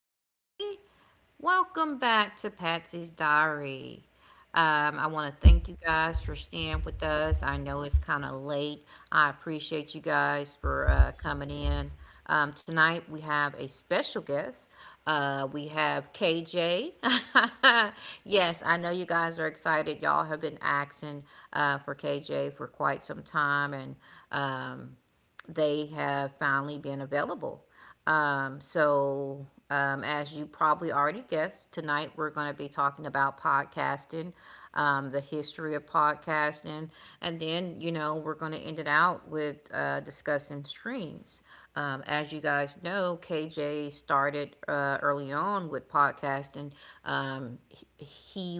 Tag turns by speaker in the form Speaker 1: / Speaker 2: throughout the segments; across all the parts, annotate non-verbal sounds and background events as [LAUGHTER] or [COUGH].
Speaker 1: everybody. Welcome back to Patsy's Diary. I want to thank you guys for staying with us. I know it's kind of late. I appreciate you guys for coming in. Tonight we have a special guest. We have KJ. [LAUGHS] Yes, I know you guys are excited. Y'all have been asking for KJ for quite some time, and um, they have finally been available. So, as you probably already guessed, tonight we're going to be talking about podcasting, the history of podcasting, and then, you know, we're going to end it out with discussing streams. As you guys know, KJ started early on with podcasting. He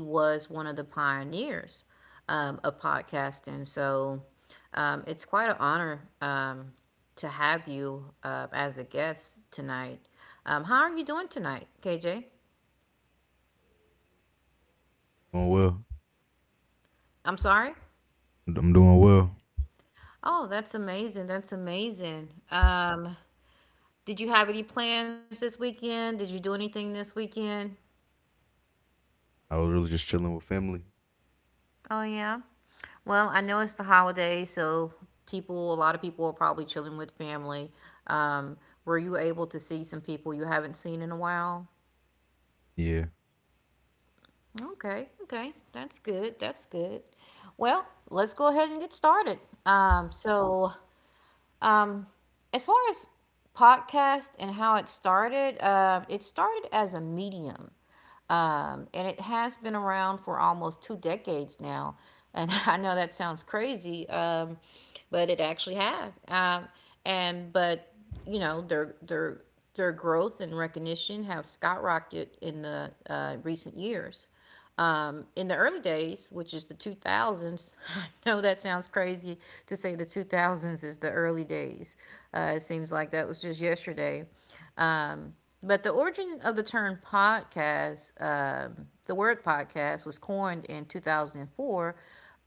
Speaker 1: was one of the pioneers of podcasting. So, it's quite an honor to have you as a guest tonight. How are you doing tonight, KJ?
Speaker 2: Doing well.
Speaker 1: I'm sorry?
Speaker 2: I'm doing well.
Speaker 1: Oh, that's amazing. That's amazing. Did you have any plans this weekend? Did you do anything this weekend?
Speaker 2: I was really just chilling with family.
Speaker 1: Oh, yeah. Well, I know it's the holiday, so people, a lot of people are probably chilling with family. Um, were you able to see some people you haven't seen in a while?
Speaker 2: Yeah.
Speaker 1: Okay, okay. That's good. That's good. Well, let's go ahead and get started. So, um, as far as podcast and how it started as a medium. And it has been around for almost two decades now. And [LAUGHS] I know that sounds crazy, but it actually have. And but you know their growth and recognition have skyrocketed in the recent years. In the early days, which is the 2000s, [LAUGHS] I know that sounds crazy to say the 2000s is the early days. It seems like that was just yesterday. Um, but the origin of the term podcast, the word podcast, was coined in 2004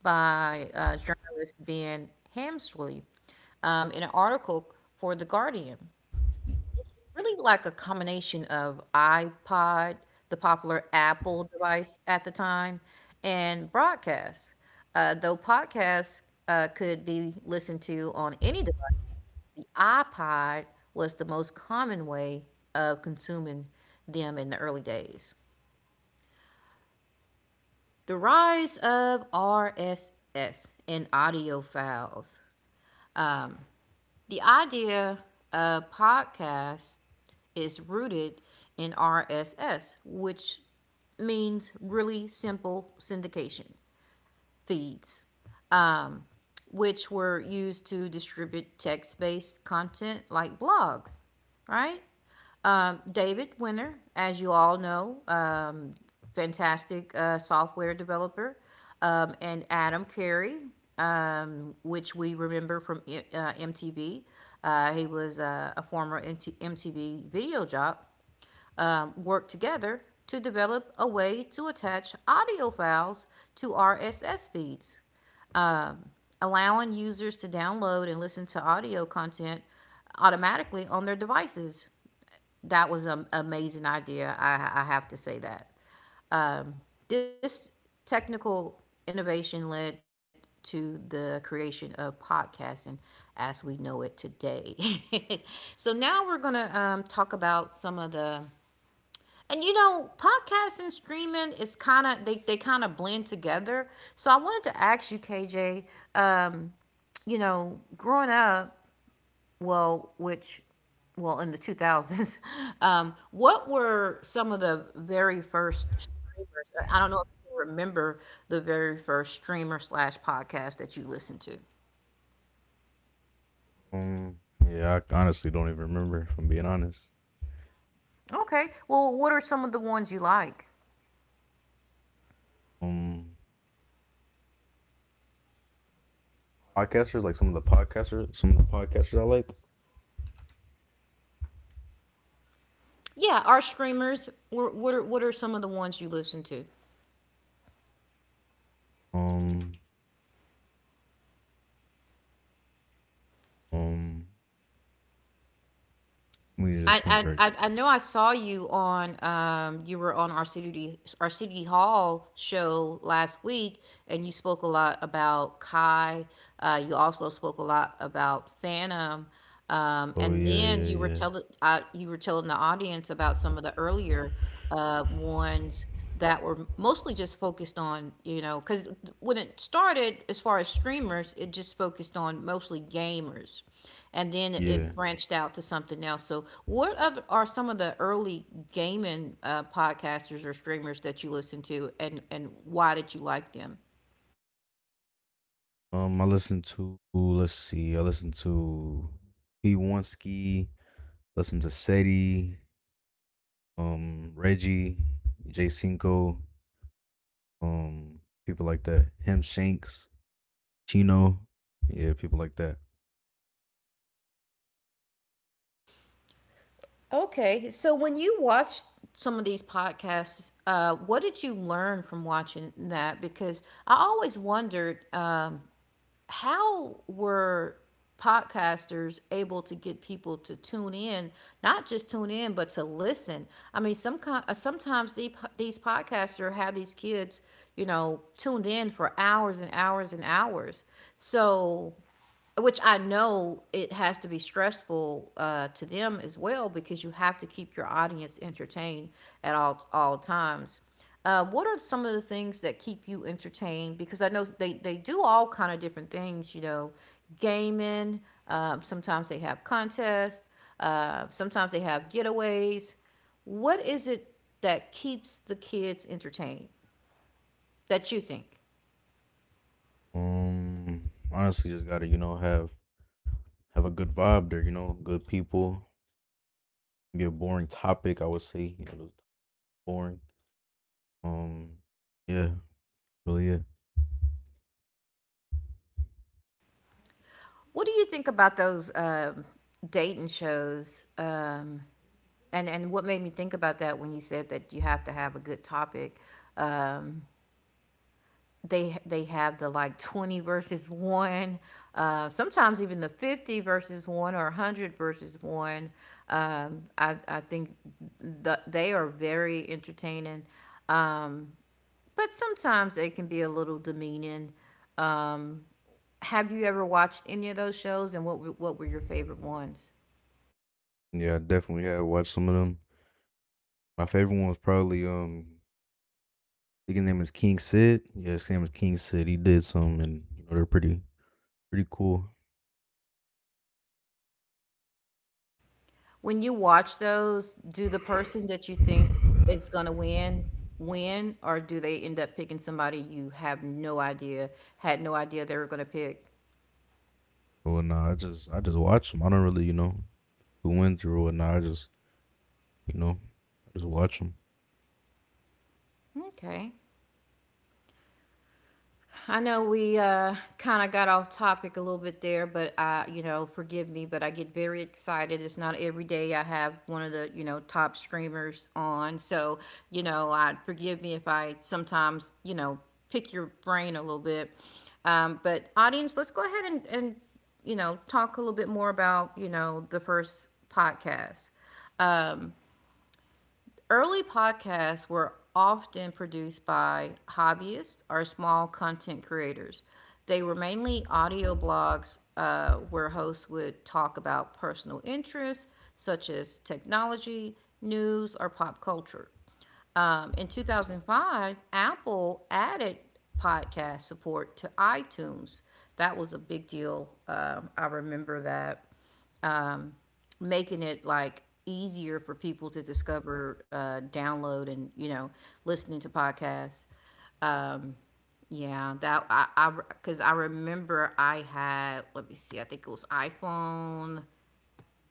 Speaker 1: by journalist Ben Hamsley in an article for The Guardian really like a combination of iPod, the popular Apple device at the time, and broadcast. Though podcasts could be listened to on any device, the iPod was the most common way of consuming them in the early days. The rise of RSS and audio files. The idea of podcast is rooted in RSS, which means really simple syndication feeds, um, which were used to distribute text based content like blogs, right? David Winter, as you all know, fantastic software developer, and Adam Carey, which we remember from MTV. He was a former MTV video job work together to develop a way to attach audio files to RSS feeds, allowing users to download and listen to audio content automatically on their devices. That was an amazing idea. I have to say that. Um, this technical innovation led to the creation of podcasting as we know it today. [LAUGHS] So now we're going to talk about some of the and you know, podcast and streaming is kind of they kind of blend together. So I wanted to ask you, KJ. Um, you know, growing up, well, which, well, in the 2000s, [LAUGHS] what were some of the very first streamers? I don't know if you can remember the very first streamer slash podcast that you listened to.
Speaker 2: Um. Yeah. I honestly don't even remember. If I'm being honest.
Speaker 1: Okay. Well, what are some of the ones you like?
Speaker 2: Um. Podcasters like some of the podcasters. Some of the podcasters I like.
Speaker 1: Yeah, our streamers. What are some of the ones you listen to?
Speaker 2: Um. Um. Let me
Speaker 1: I,
Speaker 2: just think. Right.
Speaker 1: I, I I know I saw you on you were on our city hall show last week and you spoke a lot about Kai. You also spoke a lot about Phantom,
Speaker 2: Oh
Speaker 1: and
Speaker 2: yeah.
Speaker 1: then
Speaker 2: Yeah.
Speaker 1: you were
Speaker 2: Yeah.
Speaker 1: telling you were telling the audience about some of the earlier ones that were mostly just focused on, you know, because when it started, as far as streamers, it just focused on mostly gamers. And then
Speaker 2: Yeah.
Speaker 1: it branched out to something else. So, what other, are some of the early gaming podcasters or streamers that you listened to, and, why did you like them?
Speaker 2: I listened to. Let's see. I listened to. P Wonski. Listen to Seti. Reggie. Jay Cinco. People like that. Him Shanks Chino, yeah, people like that.
Speaker 1: Okay, so when you watched some of these podcasts, what did you learn from watching that? Because I always wondered how were podcasters able to get people to tune in not just tune in but to listen I mean some sometimes the, these podcasters have these kids you know tuned in for hours and hours and hours so which I know it has to be stressful to them as well because you have to keep your audience entertained at all times. What are some of the things that keep you entertained? Because I know they do all kind of different things, you know, gaming. Sometimes they have contests. Sometimes they have getaways. What is it that keeps the kids entertained that you think?
Speaker 2: Honestly, just gotta you know have a good vibe there. You know, good people. Be a boring topic, I would say. You know, it was boring. Um, yeah, really, yeah,
Speaker 1: What do you think about those dating shows? And what made me think about that when you said that you have to have a good topic, um, they have the like 20 versus one, sometimes even the 50 versus 1 or 100 versus one. I think they are very entertaining, um, but sometimes they can be a little demeaning. Um, have you ever watched any of those shows, and what were your favorite ones?
Speaker 2: yeah. I definitely had watched some of them. My favorite one was probably I think his name is King Sid. Yeah, his name is King Sid. He did some, and you know they're pretty cool.
Speaker 1: When you watch those, do the person that you think is going to win win, or do they end up picking somebody you have no idea, had no idea they were going to pick?
Speaker 2: Well, nah, I just watch them. I don't really you know who went through or nah. I just you know I just watch them.
Speaker 1: Okay. I know we kind of got off topic a little bit there, but you know, forgive me, but I get very excited. It's not every day I have one of the you know top streamers on, so you know, I forgive me if I sometimes you know pick your brain a little bit. But audience, let's go ahead and, you know talk a little bit more about you know the first podcast. Early podcasts were often produced by hobbyists or small content creators. They were mainly audio blogs where hosts would talk about personal interests such as technology, news, or pop culture. In 2005, Apple added podcast support to iTunes. That was a big deal. I remember that um, making it like easier for people to discover, download, and you know, listening to podcasts. Um, yeah, that I because I remember I had let me see, I think it was iPhone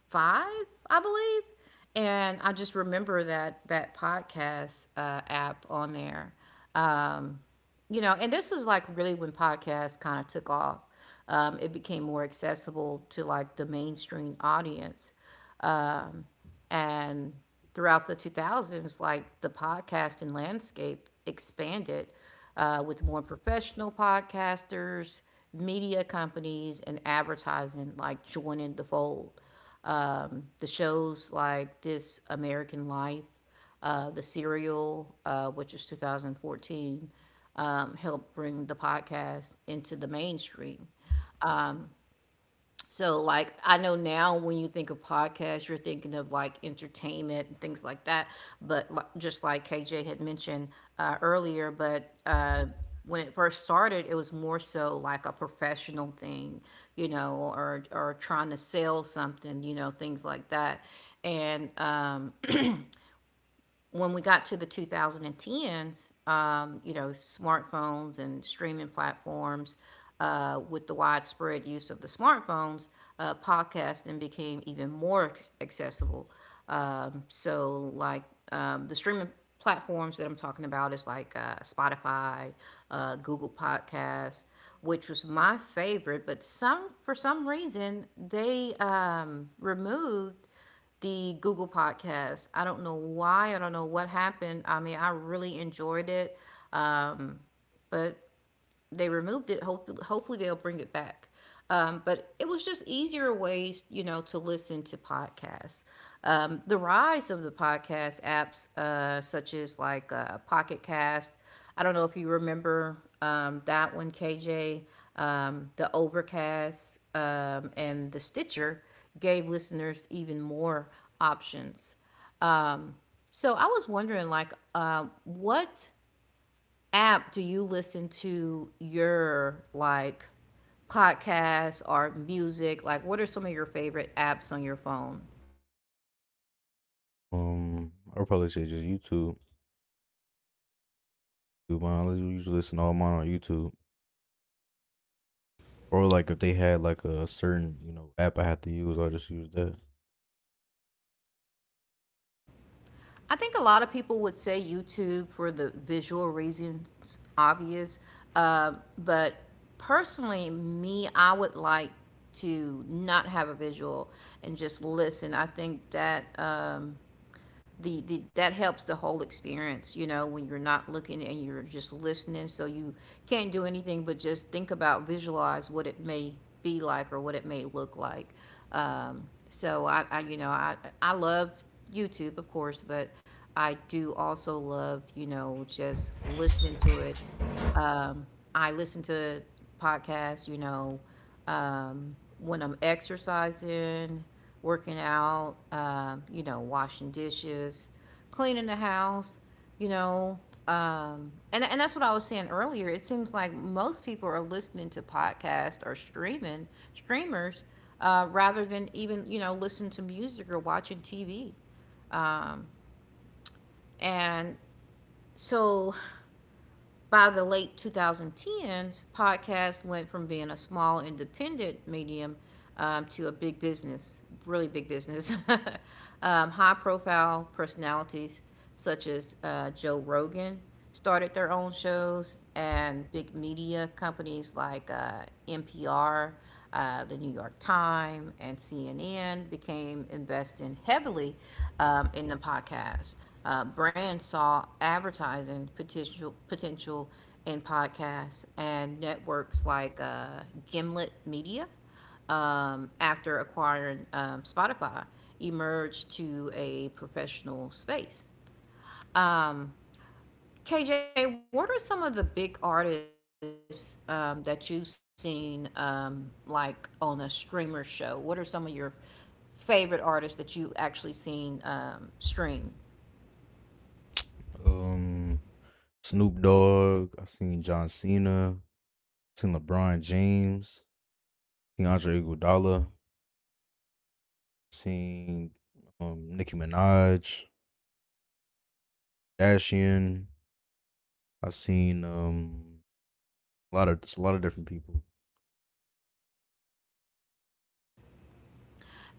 Speaker 1: 5, I believe. And I just remember that podcast app on there. Um, you know, and this was like really when podcasts kind of took off. It became more accessible to like the mainstream audience. And throughout the 2000s, like the podcasting landscape expanded with more professional podcasters, media companies, and advertising like joining the fold. The shows like This American Life, The Serial, which is 2014, helped bring the podcast into the mainstream. So, like, I know now when you think of podcasts, you're thinking of like entertainment and things like that. But just like KJ had mentioned earlier, but when it first started, it was more so like a professional thing, you know, or trying to sell something, you know, things like that. And when we got to the 2010s, you know, smartphones and streaming platforms, with the widespread use of the smartphones, podcasting became even more accessible. So, like, the streaming platforms that I'm talking about is like Spotify, Google Podcasts, which was my favorite, but some for some reason they removed the Google podcast. I don't know why. I don't know what happened. I mean, I really enjoyed it, but they removed it. Hopefully, hopefully they'll bring it back. But it was just easier ways, you know, to listen to podcasts. The rise of the podcast apps, such as like Pocket Cast. I don't know if you remember that one, KJ. The Overcast and the Stitcher gave listeners even more options. Um, so I was wondering, like, what app do you listen to your like podcasts or music? Like, what are some of your favorite apps on your phone?
Speaker 2: I would probably say just YouTube. YouTube. I usually listen to all mine on YouTube, or like if they had like a certain you know app I had to use, I just use that.
Speaker 1: I think a lot of people would say YouTube for the visual reasons, obvious. Uh, but personally, me, I would like to not have a visual and just listen. I think that. The that helps the whole experience, you know, when you're not looking and you're just listening, so you can't do anything but just think about, visualize what it may be like or what it may look like. So I love YouTube, of course, but I do also love, you know, just listening to it. I listen to podcasts, you know, when I'm exercising, working out, you know, washing dishes, cleaning the house, you know. And that's what I was saying earlier. It seems like most people are listening to podcasts or streaming streamers rather than even, you know, listen to music or watching TV. And so by the late 2010s, podcasts went from being a small independent medium, to a big business, really big business. [LAUGHS] High profile personalities such as Joe Rogan started their own shows, and big media companies like NPR, the New York Times, and CNN became investing heavily in the podcast brand, saw advertising potential in podcasts and networks like Gimlet Media. After acquiring Spotify, emerged to a professional space. Um, KJ, what are some of the big artists that you've seen, like on a streamer show? What are some of your favorite artists that you've actually seen stream?
Speaker 2: Um, Snoop Dogg. I seen John Cena. Seen LeBron James. Seen Andre Iguodala. Seen Nicki Minaj. Kardashian. I seen a lot of just a lot of different people.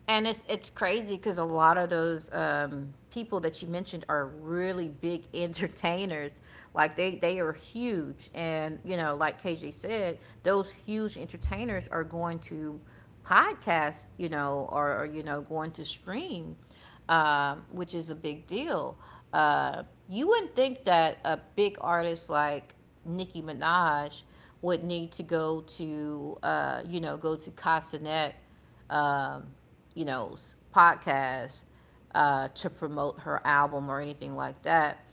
Speaker 1: And it's crazy because a lot of those people that you mentioned are really big [LAUGHS] entertainers. Like they are huge, and you know, like KJ said, those huge entertainers are going to podcasts, you know, or you know, going to stream, which is a big deal. You wouldn't think that a big artist like Nicki Minaj would need to go to, you know, go to Casanet, um, you know, podcast to promote her album or anything like that.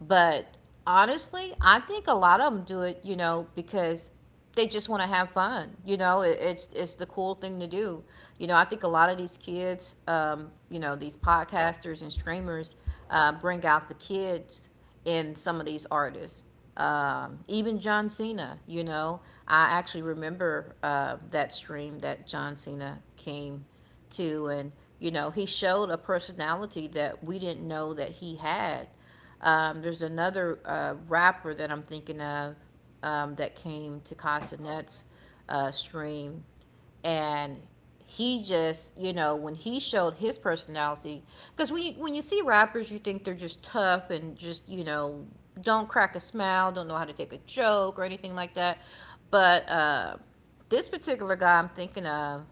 Speaker 1: But honestly, I think a lot of them do it, you know, because they just want to have fun. You know, it's the cool thing to do. You know, I think a lot of these kids, you know, these podcasters and streamers bring out the kids in some of these artists. Even John Cena, you know, I actually remember that stream that John Cena came to, and you know, he showed a personality that we didn't know that he had. There's another rapper that I'm thinking of, that came to Casa Nuts stream, and he just, you know, when he showed his personality, because when you see rappers, you think they're just tough and just, you know, don't crack a smile, don't know how to take a joke or anything like that. But this particular guy I'm thinking of,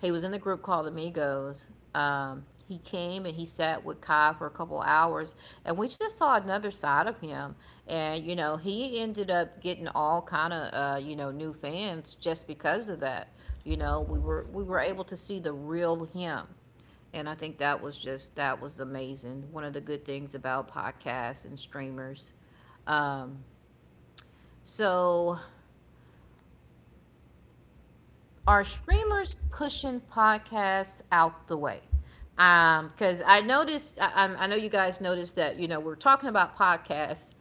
Speaker 1: he was in the group called Amigos. He came and he sat with Kai for a couple hours, and we just saw another side of him. And you know, he ended up getting all kind of you know, new fans just because of that. You know, we were able to see the real him, and I think that was just, that was amazing. One of the good things about podcasts and streamers. Um, so are streamers pushing podcasts out the way? Because I noticed, I know you guys noticed that, you know, we're talking about podcasts,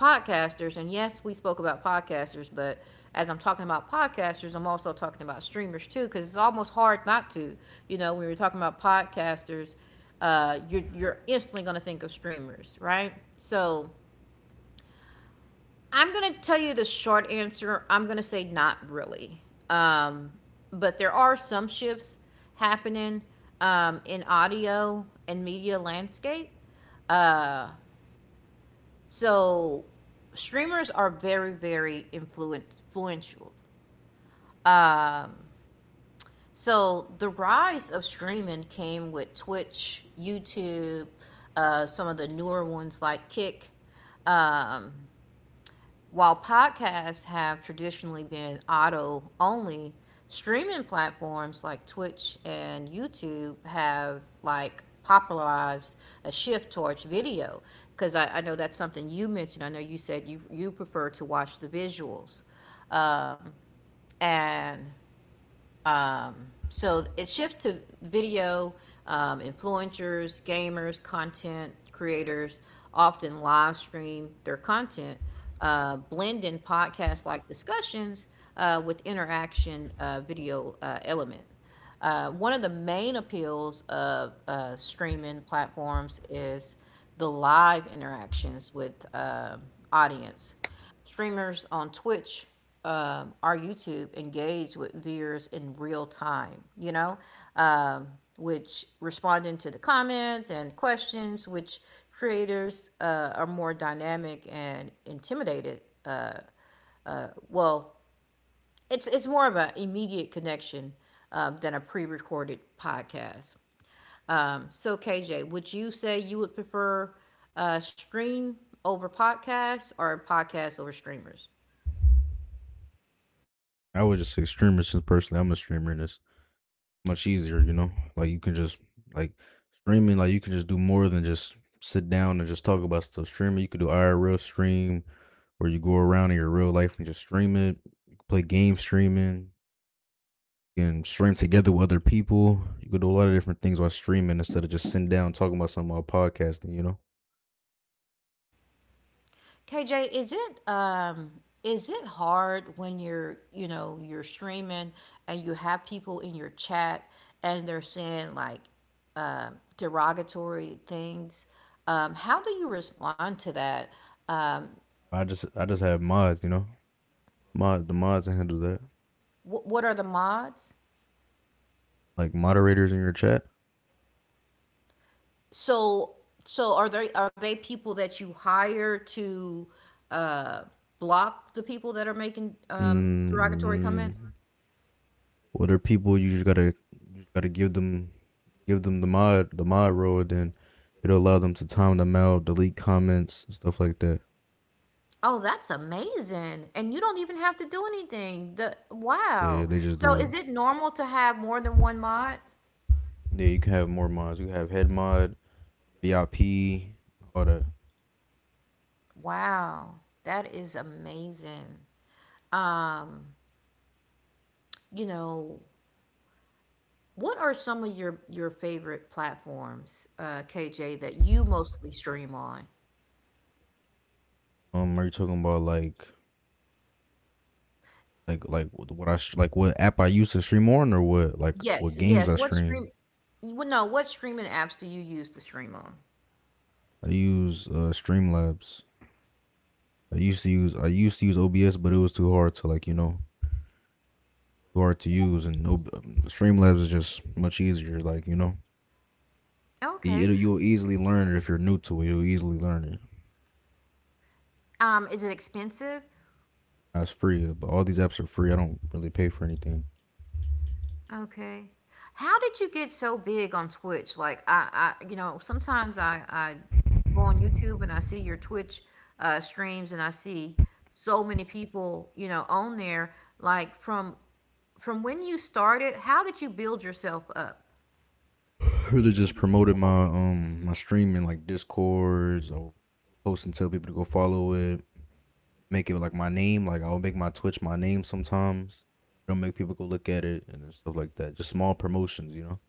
Speaker 1: podcasters, and yes, we spoke about podcasters, but as I'm talking about podcasters, I'm also talking about streamers too, because it's almost hard not to. You know, when we were talking about podcasters, you're instantly going to think of streamers, right? So I'm going to tell you the short answer. I'm going to say not really. Um, but there are some shifts happening in audio and media landscape. Uh, so streamers are very, very influential. Um, so the rise of streaming came with Twitch, YouTube, some of the newer ones like Kick. Um, while podcasts have traditionally been audio only, streaming platforms like Twitch and YouTube have like popularized a shift towards video. Because I know that's something you mentioned. I know you said you prefer to watch the visuals. Um, and um, so it shifts to video, influencers, gamers, content creators often live stream their content, blend in podcast like discussions with interaction, video element. One of the main appeals of streaming platforms is the live interactions with audience. Streamers on Twitch or YouTube engage with viewers in real time, you know, um, which responding to the comments and questions, which creators are more dynamic and intimidated. Well, it's more of an immediate connection than a pre recorded podcast. So KJ, would you say you would prefer stream over podcasts or podcasts over streamers?
Speaker 2: I was just a streamer since personally I'm a streamer in this. Much easier, you know? Like you can just like streaming, like you can just do more than just sit down and just talk about stuff. Streaming, you could do IRL stream where you go around in your real life and just stream it. You could play game streaming. You can stream together with other people. You could do a lot of different things while streaming instead of just sitting down and talking about something while podcasting, you know?
Speaker 1: KJ, is it hard when you're, you know, you're streaming and you have people in your chat and they're saying like derogatory things? How do you respond to that? Uh,
Speaker 2: I just have mods, you know? Mod the mods that handle that.
Speaker 1: What are the mods?
Speaker 2: Like moderators in your chat.
Speaker 1: So so are they people that you hire to uh block the people that are making derogatory comments?
Speaker 2: Mm, Well, they're people you just gotta give them the mod role, and then it'll allow them to time them out, delete comments, and stuff like that.
Speaker 1: Oh, that's amazing. And you don't even have to do anything. The
Speaker 2: Yeah,
Speaker 1: wow.
Speaker 2: they just
Speaker 1: So
Speaker 2: do it.
Speaker 1: is it normal to have more than one mod?
Speaker 2: Yeah, you can have more mods. You can have head mod, VIP, all that.
Speaker 1: Wow. That is amazing. You know, what are some of your favorite platforms, KJ, that you mostly stream on?
Speaker 2: Are you talking about like like what app I use to stream on or what like what
Speaker 1: Yes,
Speaker 2: games I
Speaker 1: yes. What stream,
Speaker 2: stream?
Speaker 1: you would know, what streaming apps do you use to stream on?
Speaker 2: I use Streamlabs. I used to use OBS, but it was too hard to like you know hard to use, and no Streamlabs is just much easier. Like you know, you,
Speaker 1: Okay.
Speaker 2: you'll easily learn it if you're new to it. You'll easily learn it.
Speaker 1: Is it expensive?
Speaker 2: That's free, but all these apps are free. I don't really pay for anything.
Speaker 1: Okay. How did you get so big on Twitch? Like I you know, sometimes I go on YouTube and I see your Twitch streams and I see so many people, you know, on there. Like from when you started, how did you build yourself up?
Speaker 2: Really, just promoted my streaming like Discords. I'll post and tell people to go follow it. Make it like my name. Like I'll make my Twitch my name sometimes. Don't make people go look at it and stuff like that. Just small promotions, you know.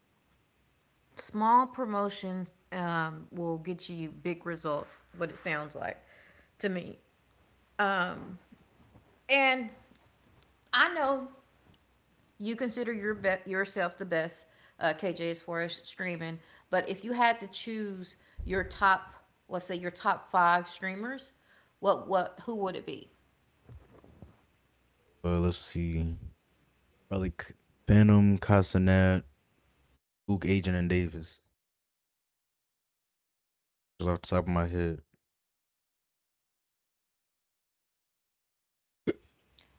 Speaker 1: Small promotions will get you big results, what it sounds like to me. Um and I know you consider yourself the best, KJ, as far as streaming, but if you had to choose your top, let's say your top five streamers, what, who would it be?
Speaker 2: But let's see. Probably Phantom, Casanet, Luke, Agent, and Davis. Just off the top of my head.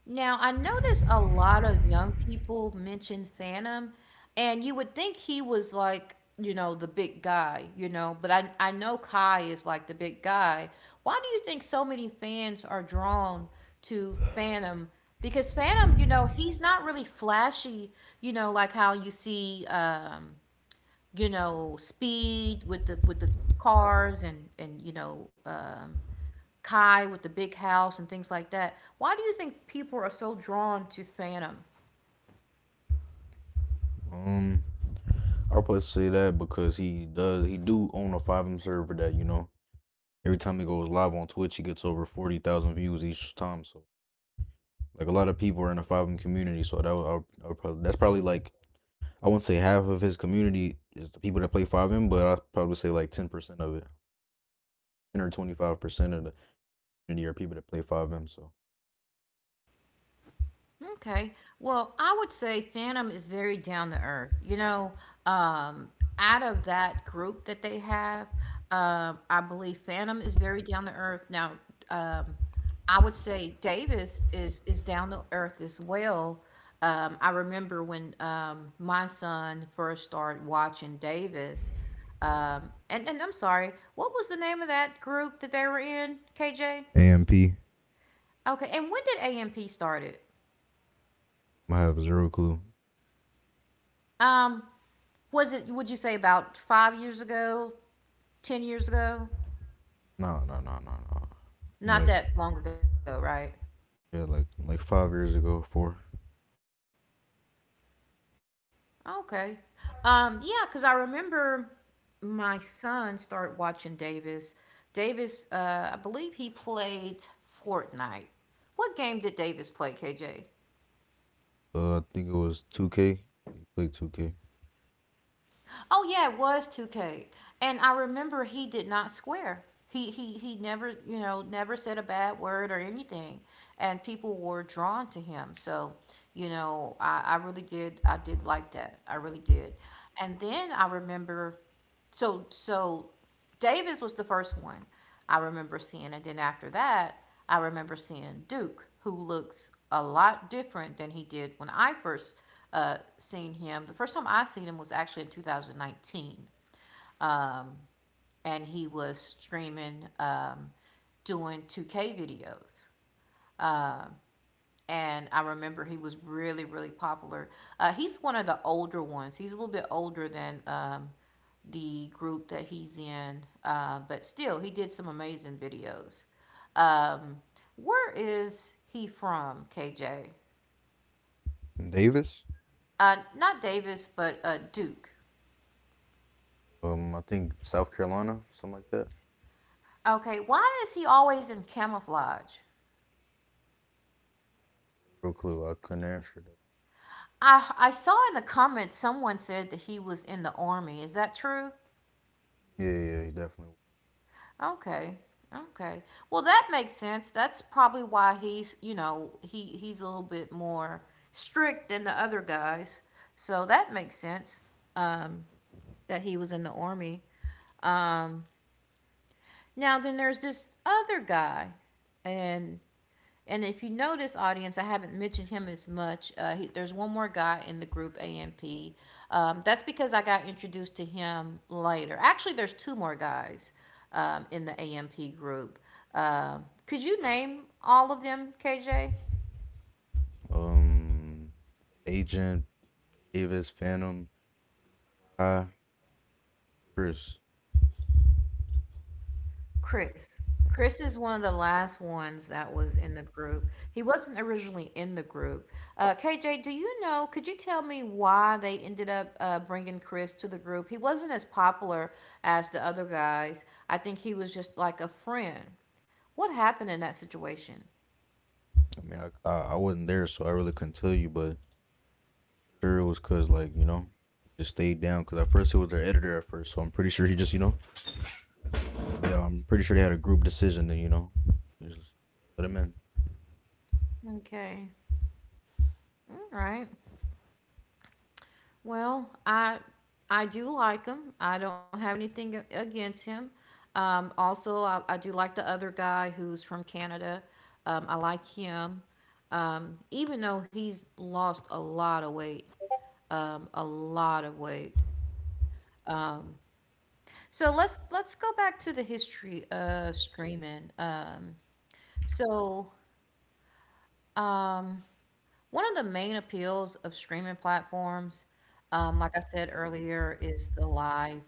Speaker 1: Now, I notice a lot of young people mention Phantom, and you would think he was like, you know, the big guy, you know, but I know Kai is like the big guy. Why do you think so many fans are drawn to Phantom? Because Phantom, you know, he's not really flashy, you know, like how you see, you know, speed with the cars and you know, Kai with the big house and things like that. Why do you think people are so drawn to Phantom?
Speaker 2: Um, I'll probably say that because he do own a five M server that you know every time he goes live on Twitch he gets over 40,000 views each time. So like a lot of people are in the five M community. So that would, I would, I would probably, that's probably like I wouldn't say half of his community is the people that play five M, but I'd probably say like 10% of it, 10 or 25% of the community are people that play five M. So
Speaker 1: Okay. Well, I would say Phantom is very down to earth. You know, um, out of that group that they have, I believe Phantom is very down to earth. Now, um, I would say Davis is down to earth as well. I remember when my son first started watching Davis. And I'm sorry, what was the name of that group that they were in, KJ?
Speaker 2: AMP,
Speaker 1: Okay, and when did AMP started?
Speaker 2: I have zero clue.
Speaker 1: Was it, would you say about 5 years ago, 10 years ago?
Speaker 2: Nah, nah, nah, nah, nah. Like
Speaker 1: Not that long ago, right?
Speaker 2: yeah, like 5 years ago, four.
Speaker 1: Okay. Yeah, because I remember my son started watching Davis. Davis, I believe he played Fortnite. What game did Davis play, KJ?
Speaker 2: I think it was 2K. He played 2K.
Speaker 1: Oh yeah, it was 2K. And I remember he did not swear. He never, you know, never said a bad word or anything. And people were drawn to him. So, you know, I did like that. I really did. And then I remember so so Davis was the first one I remember seeing, and then after that, I remember seeing Duke, who looks a lot different than he did when I first seen him. The first time I seen him was actually in 2019, um, and he was streaming, doing 2K videos, and I remember he was really, really popular. He's one of the older ones. He's a little bit older than the group that he's in, but still, he did some amazing videos. Um, where is he from, KJ?
Speaker 2: Davis.
Speaker 1: Not Davis, but Duke.
Speaker 2: I think South Carolina, something like that.
Speaker 1: Okay, why is he always in camouflage?
Speaker 2: No clue. I couldn't answer that.
Speaker 1: I saw in the comments someone said that he was in the army. Is that true?
Speaker 2: Yeah, yeah, yeah, he definitely.
Speaker 1: Okay. Okay. Well, that makes sense. That's probably why he's, you know, he's a little bit more strict than the other guys. So that makes sense. Um, that he was in the army. Um, Now then, there's this other guy, and if you notice, audience, I haven't mentioned him as much. There's one more guy in the group, AMP. That's because I got introduced to him later. Actually, there's two more guys in the AMP group. Could you name all of them, KJ?
Speaker 2: Was. Agent Davis, Phantom, I, Chris.
Speaker 1: Chris. Chris is one of the last ones that was in the group. He wasn't originally in the group. KJ, do you know? Could you tell me why they ended up bringing Chris to the group? He wasn't as popular as the other guys. I think he was just like a friend. What happened in that situation?
Speaker 2: I mean, I wasn't there, so I really couldn't tell you, but sure it was cause like you know just stayed down because at first it was their editor at first, so I'm pretty sure he just you know yeah I'm pretty sure they had a group decision and you know just let him in.
Speaker 1: Okay. All right. Well, I do like him. I don't have anything against him. Also, I do like the other guy who's from Canada. I like him, even though he's lost a lot of weight, a lot of weight. So let's go back to the history of streaming. So um, One of the main appeals of streaming platforms, like I said earlier, is the live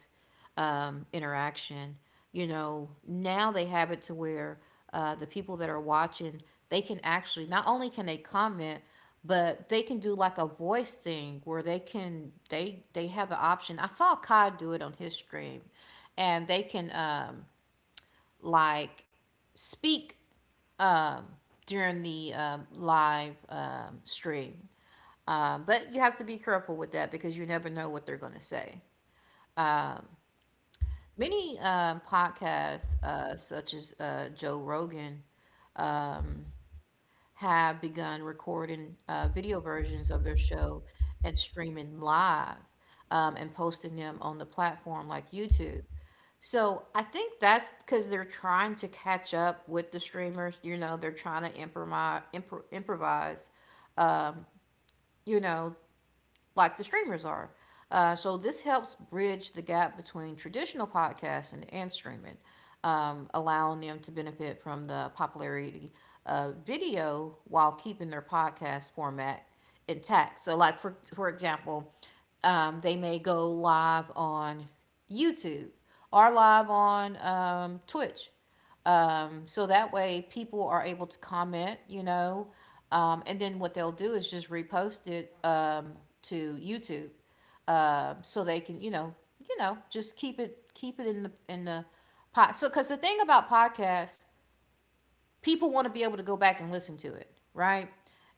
Speaker 1: interaction. You know, now they have it to where the people that are watching, they can actually not only can they comment, but they can do like a voice thing where they have the option. I saw Kai do it on his stream, and they can like speak um, during the live stream. But you have to be careful with that because you never know what they're going to say. Many podcasts, such as Joe Rogan, have begun recording video versions of their show and streaming live and posting them on the platform like YouTube. So I think that's because they're trying to catch up with the streamers. You know, they're trying to improvise. You know, like the streamers are. So this helps bridge the gap between traditional podcasting and streaming, allowing them to benefit from the popularity of video while keeping their podcast format intact. So, like for example, they may go live on YouTube or live on Twitch so that way people are able to comment, you know. And then what they'll do is just repost it to YouTube so they can, you know, just keep it in the pod. So cuz the thing about podcasts, people want to be able to go back and listen to it, right?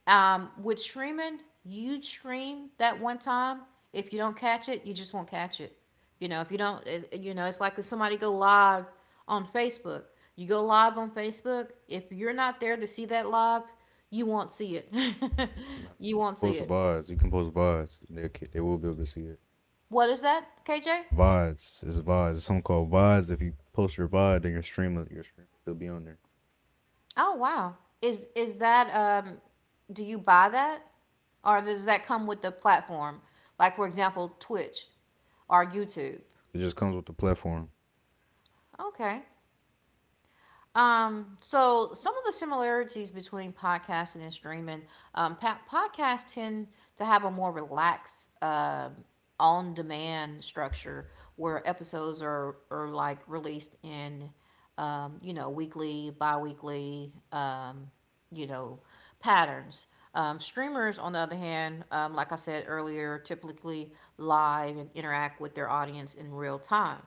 Speaker 1: With streaming, you stream that one time. If you don't catch it, you just won't catch it. You know, if you don't, you know, it's like if somebody go live on Facebook. You go live on Facebook. If you're not there to see that live, you won't see it. [LAUGHS]
Speaker 2: Nah.
Speaker 1: You won't see
Speaker 2: Post
Speaker 1: it.
Speaker 2: VODs. You can post VODs. They will be able to see it.
Speaker 1: What is that, KJ?
Speaker 2: VODs is VODs. It's something called VODs. If you post your VOD, then your stream will be on there.
Speaker 1: Oh wow. Is that do you buy that? Or does that come with the platform? Like for example, Twitch or YouTube.
Speaker 2: It just comes with the platform.
Speaker 1: Okay. So some of the similarities between podcasts and streaming, um, podcasts tend to have a more relaxed on-demand structure where episodes are like released in, you know, weekly, bi-weekly, you know, patterns. Streamers, on the other hand, like I said earlier, typically live and interact with their audience in real time.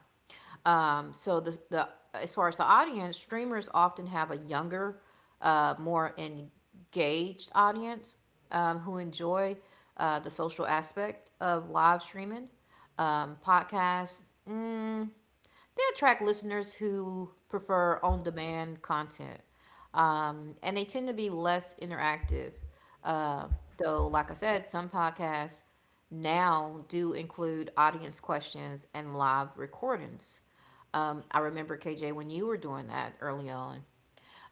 Speaker 1: So the as far as the audience, streamers often have a younger, more engaged audience who enjoy the social aspect of live streaming. Podcasts, mm, they attract listeners who prefer on demand content. And they tend to be less interactive. Uh, though, like I said, some podcasts now do include audience questions and live recordings. I remember, KJ, when you were doing that early on.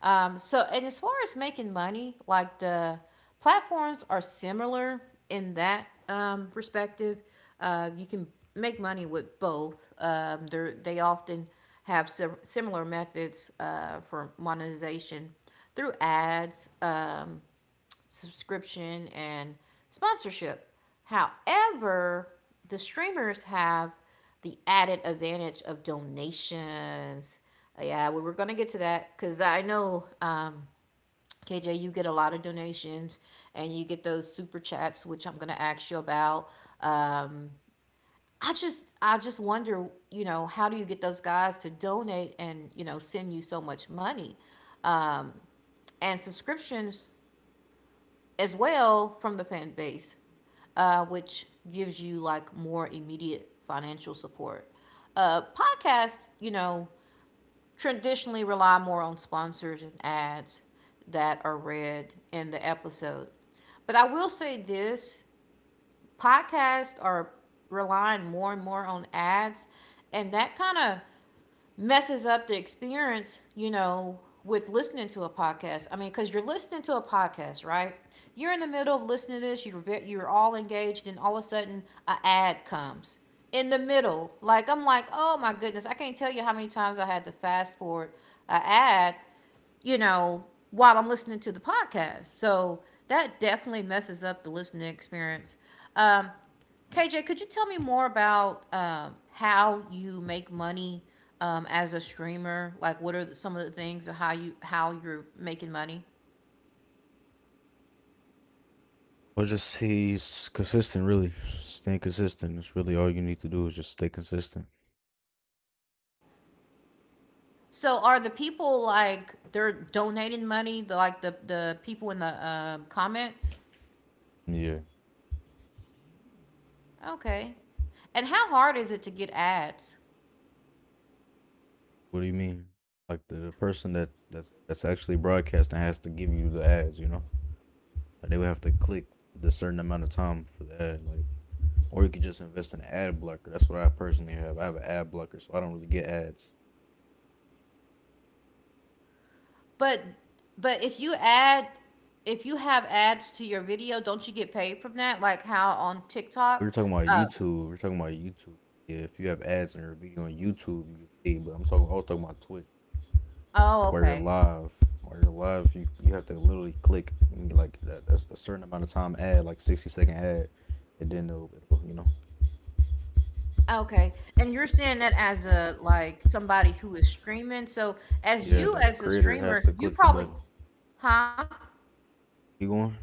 Speaker 1: So, and as far as making money, like the platforms are similar in that perspective. You can make money with both. They often have similar methods for monetization through ads, subscription and sponsorship. However, the streamers have the added advantage of donations. Yeah, we were going to get to that because I know, KJ, you get a lot of donations and you get those super chats, which I'm going to ask you about. Um, I just wonder, you know, how do you get those guys to donate and, you know, send you so much money? Um, and subscriptions as well from the fan base, which gives you like more immediate financial support. Podcasts, you know, traditionally rely more on sponsors and ads that are read in the episode. But I will say this, podcasts are relying more and more on ads, and that kind of messes up the experience, you know, with listening to a podcast. I mean, because you're listening to a podcast, right? You're in the middle of listening to this, you're all engaged, and all of a sudden, a ad comes in the middle. Like, I'm like, oh my goodness, I can't tell you how many times I had to fast forward a ad, you know, while I'm listening to the podcast. So that definitely messes up the listening experience. Um, KJ, could you tell me more about how you make money as a streamer? Like, what are some of the things or how you're making money?
Speaker 2: Or just he's consistent, really. Staying consistent. That's really all you need to do is just stay consistent.
Speaker 1: So, are the people like they're donating money? The like the people in the comments?
Speaker 2: Yeah.
Speaker 1: Okay. And how hard is it to get ads?
Speaker 2: What do you mean? Like the person that's actually broadcasting has to give you the ads. You know, like they would have to click the certain amount of time for the ad. Like or you could just invest in an ad blocker. That's what I personally have. I have an ad blocker, so I don't really get ads.
Speaker 1: But but if you add if you have ads to your video, don't you get paid from that? Like how on
Speaker 2: We
Speaker 1: TikTok?
Speaker 2: were talking about
Speaker 1: Uh,
Speaker 2: YouTube. We are talking about YouTube. Yeah, if you have ads in your video on YouTube, you can see. But I'm talking. I was talking about Twitch.
Speaker 1: oh,
Speaker 2: Like where you're
Speaker 1: okay.
Speaker 2: live, where you're live, you have to literally click and get, like a certain amount of time ad, like 60-second ad, and then it'll you know
Speaker 1: Okay, and you're saying that as a like somebody who is streaming. So as
Speaker 2: yeah
Speaker 1: you
Speaker 2: the
Speaker 1: as a
Speaker 2: creator has to
Speaker 1: streamer,
Speaker 2: click the
Speaker 1: you
Speaker 2: button.
Speaker 1: probably, huh?
Speaker 2: You going?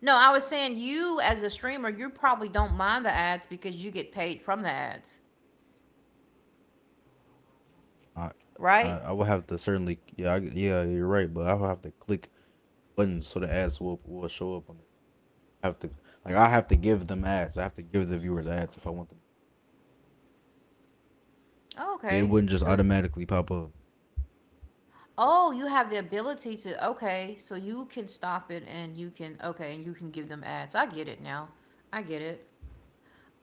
Speaker 1: No, I was saying you as a streamer, you probably don't mind the ads because you get paid from the ads,
Speaker 2: I I
Speaker 1: right?
Speaker 2: will have to certainly yeah I, yeah you're right, but I will have to click buttons so the ads will show up on have to like I have to give them ads. I have to give the viewers ads if I want them.
Speaker 1: Oh,
Speaker 2: It
Speaker 1: okay.
Speaker 2: wouldn't just
Speaker 1: So,
Speaker 2: automatically pop up.
Speaker 1: oh, you have the ability to, okay, so you can stop it and you can, okay, and you can give them ads. I get it now. I get it.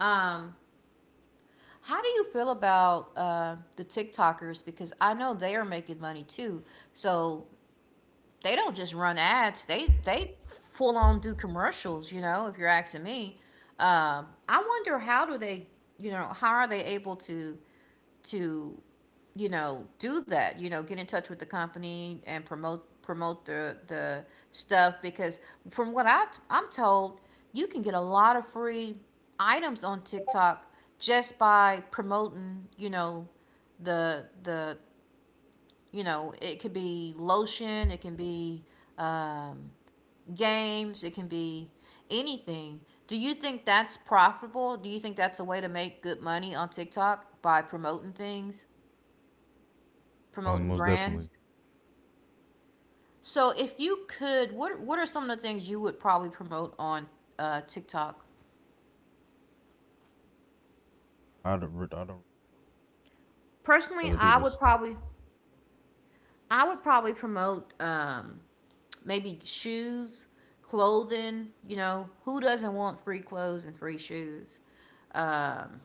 Speaker 1: Um, How do you feel about the TikTokers? Because I know they are making money too. So they don't just run ads. They full on do commercials. You know, if you're asking me, I wonder how do you know, how are they able to, you know, do that? You know, get in touch with the company and promote the stuff because from what I I'm told, you can get a lot of free items on TikTok just by promoting. You know, the you know, it could be lotion, it can be um, games, it can be anything. Do you think that's profitable? Do you think that's a way to make good money on TikTok by promoting
Speaker 2: Most
Speaker 1: brands?
Speaker 2: definitely.
Speaker 1: So if you could, what are some of the things you would probably promote on TikTok?
Speaker 2: I don't. I don't
Speaker 1: Personally,
Speaker 2: other people's.
Speaker 1: I would probably promote maybe shoes, clothing. You know, who doesn't want free clothes and free shoes? Um,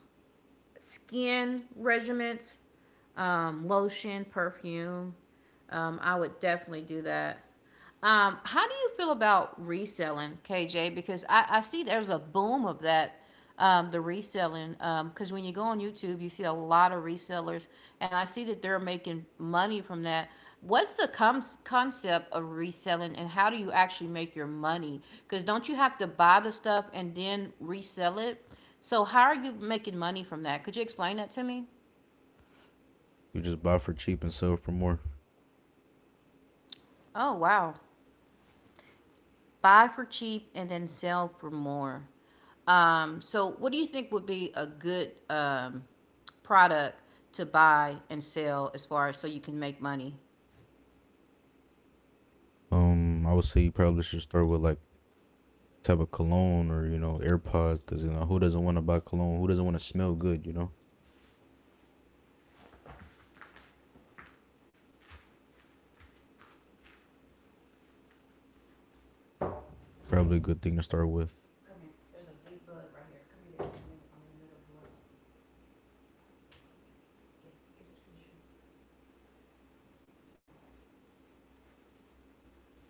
Speaker 1: Skin regimens, lotion, perfume. I would definitely do that. How do you feel about reselling, KJ? Because I see there's a boom of that, the reselling. Because when you go on YouTube, you see a lot of resellers, and I see that they're making money from that. What's the concept of reselling, and how do you actually make your money? Because don't you have to buy the stuff and then resell it? So how are you making money from that? Could you explain that to me?
Speaker 2: You just buy for cheap and sell for more.
Speaker 1: Oh, wow. Buy for cheap and then sell for more. So what do you think would be a good product to buy and sell as far as so you can make money?
Speaker 2: I would say you probably should start with like type of cologne or you know AirPods because you know who doesn't want to buy cologne? Who doesn't want to smell good? You know, probably a good thing to start with.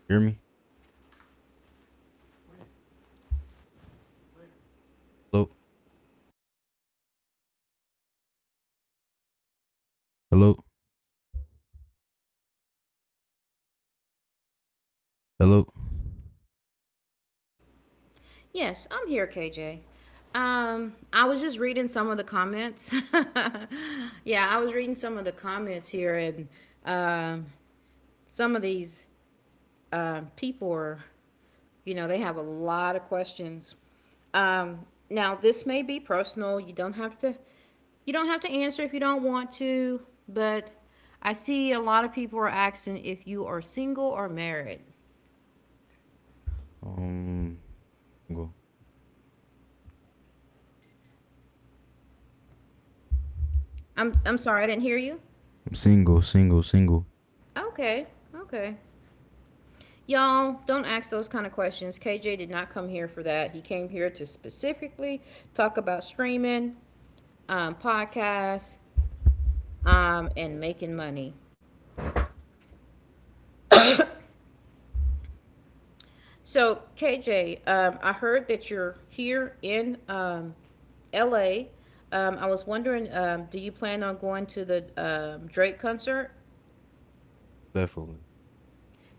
Speaker 2: Hear me? Hello, hello, hello.
Speaker 1: Yes, I'm here, KJ. I was just reading some of the comments. [LAUGHS] Yeah, I was reading some of the comments here, and um, some of these people are you know, they have a lot of questions. Um, Now, this may be personal. You don't have to. You don't have to answer if you don't want to. But I see a lot of people are asking if you are single or married.
Speaker 2: Um, Single.
Speaker 1: I'm sorry, I didn't hear you.
Speaker 2: I'm single, single, single.
Speaker 1: Okay, okay. Y'all, don't ask those kind of questions. KJ did not come here for that. He came here to specifically talk about streaming, podcasts, and making money. So KJ, I heard that you're here in LA. I was wondering, do you plan on going to the Drake concert?
Speaker 2: Definitely.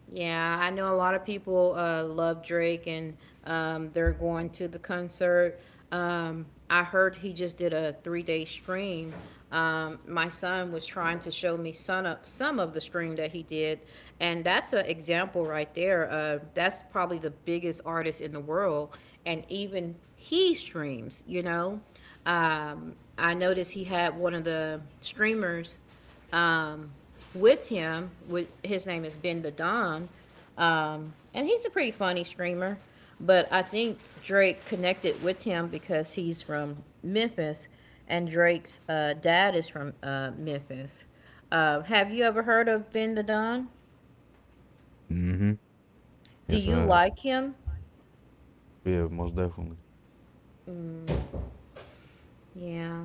Speaker 1: Yeah, I know a lot of people love Drake and they're going to the concert. I heard he just did a 3 day stream. My son was trying to show me some of the stream that he did, and that's an example right there. That's probably the biggest artist in the world, and even he streams, you know. I noticed he had one of the streamers um, with him. With his name is Ben the Don, and he's a pretty funny streamer. But I think Drake connected with him because he's from Memphis, and Drake's dad is from Memphis. Have you ever heard of Ben the Don?
Speaker 2: Mm-hmm.
Speaker 1: Do
Speaker 2: Yes, I
Speaker 1: you
Speaker 2: have.
Speaker 1: like him?
Speaker 2: Yeah, most definitely.
Speaker 1: Yeah.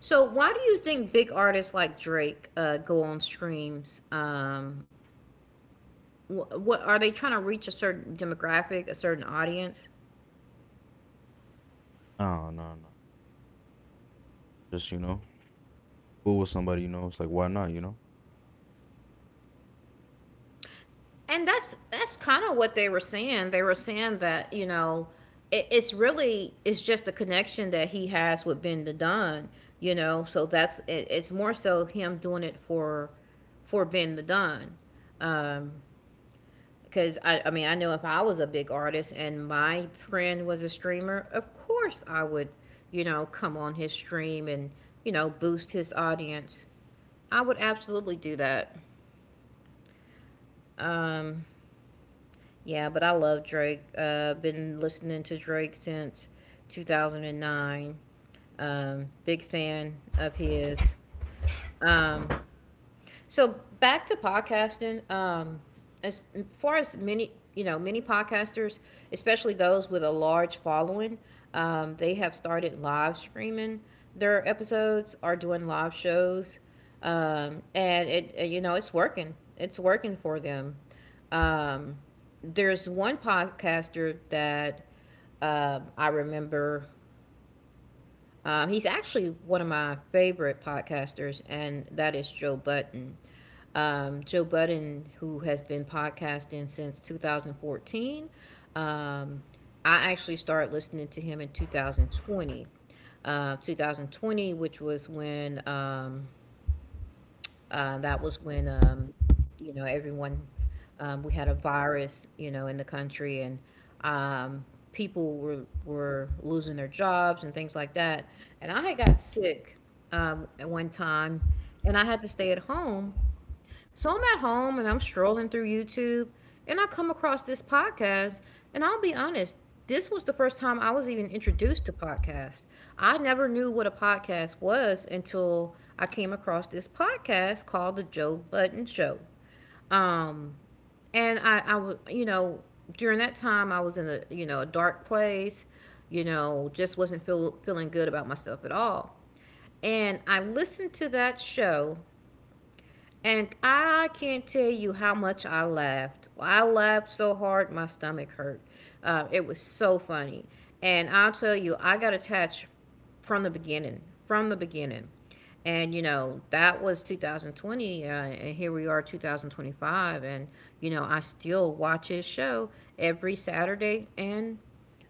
Speaker 1: So why do you think big artists like Drake go on streams? What are they trying to reach a certain demographic, a certain audience?
Speaker 2: No, no, no. Just you know, cool with somebody. You know, it's like why not? You know,
Speaker 1: And that's kind of what they were saying. They were saying that it's really it's just the connection that he has with Ben the Don. You know, so that's it's more so him doing it for Ben the Don. Um, Because I mean I know if I was a big artist and my friend was a streamer, of course I would come on his stream and boost his audience. I would absolutely do that. Um, Yeah, but I love Drake. Been listening to Drake since 2009. Big fan of his. Um, so back to podcasting. As far as many, many podcasters, especially those with a large following, they have started live streaming their episodes, are doing live shows, and it's working. It's working for them. Um, there's one podcaster that I remember he's actually one of my favorite podcasters, and that is Joe Button. Joe Budden, who has been podcasting since 2014. Um, I actually started listening to him in 2020. 2020, which was when that was when, everyone, we had a virus, in the country and um, people were losing their jobs and things like that. And I had got sick at one time and I had to stay at home, so I'm at home and I'm strolling through YouTube and I come across this podcast. And I'll be honest, this was the first time I was even introduced to podcasts. I never knew what a podcast was until I came across this podcast called The Joe Button Show. Um, and I, w- you know, during that time I was in a, a dark place, just wasn't feel, feeling good about myself at all. And I listened to that show, and I can't tell you how much I laughed. I laughed so hard my stomach hurt. It was so funny. And I'll tell you, I got attached from the beginning. From the beginning. And, you know, that was 2020. And here we are, 2025. And, you know, I still watch his show every Saturday and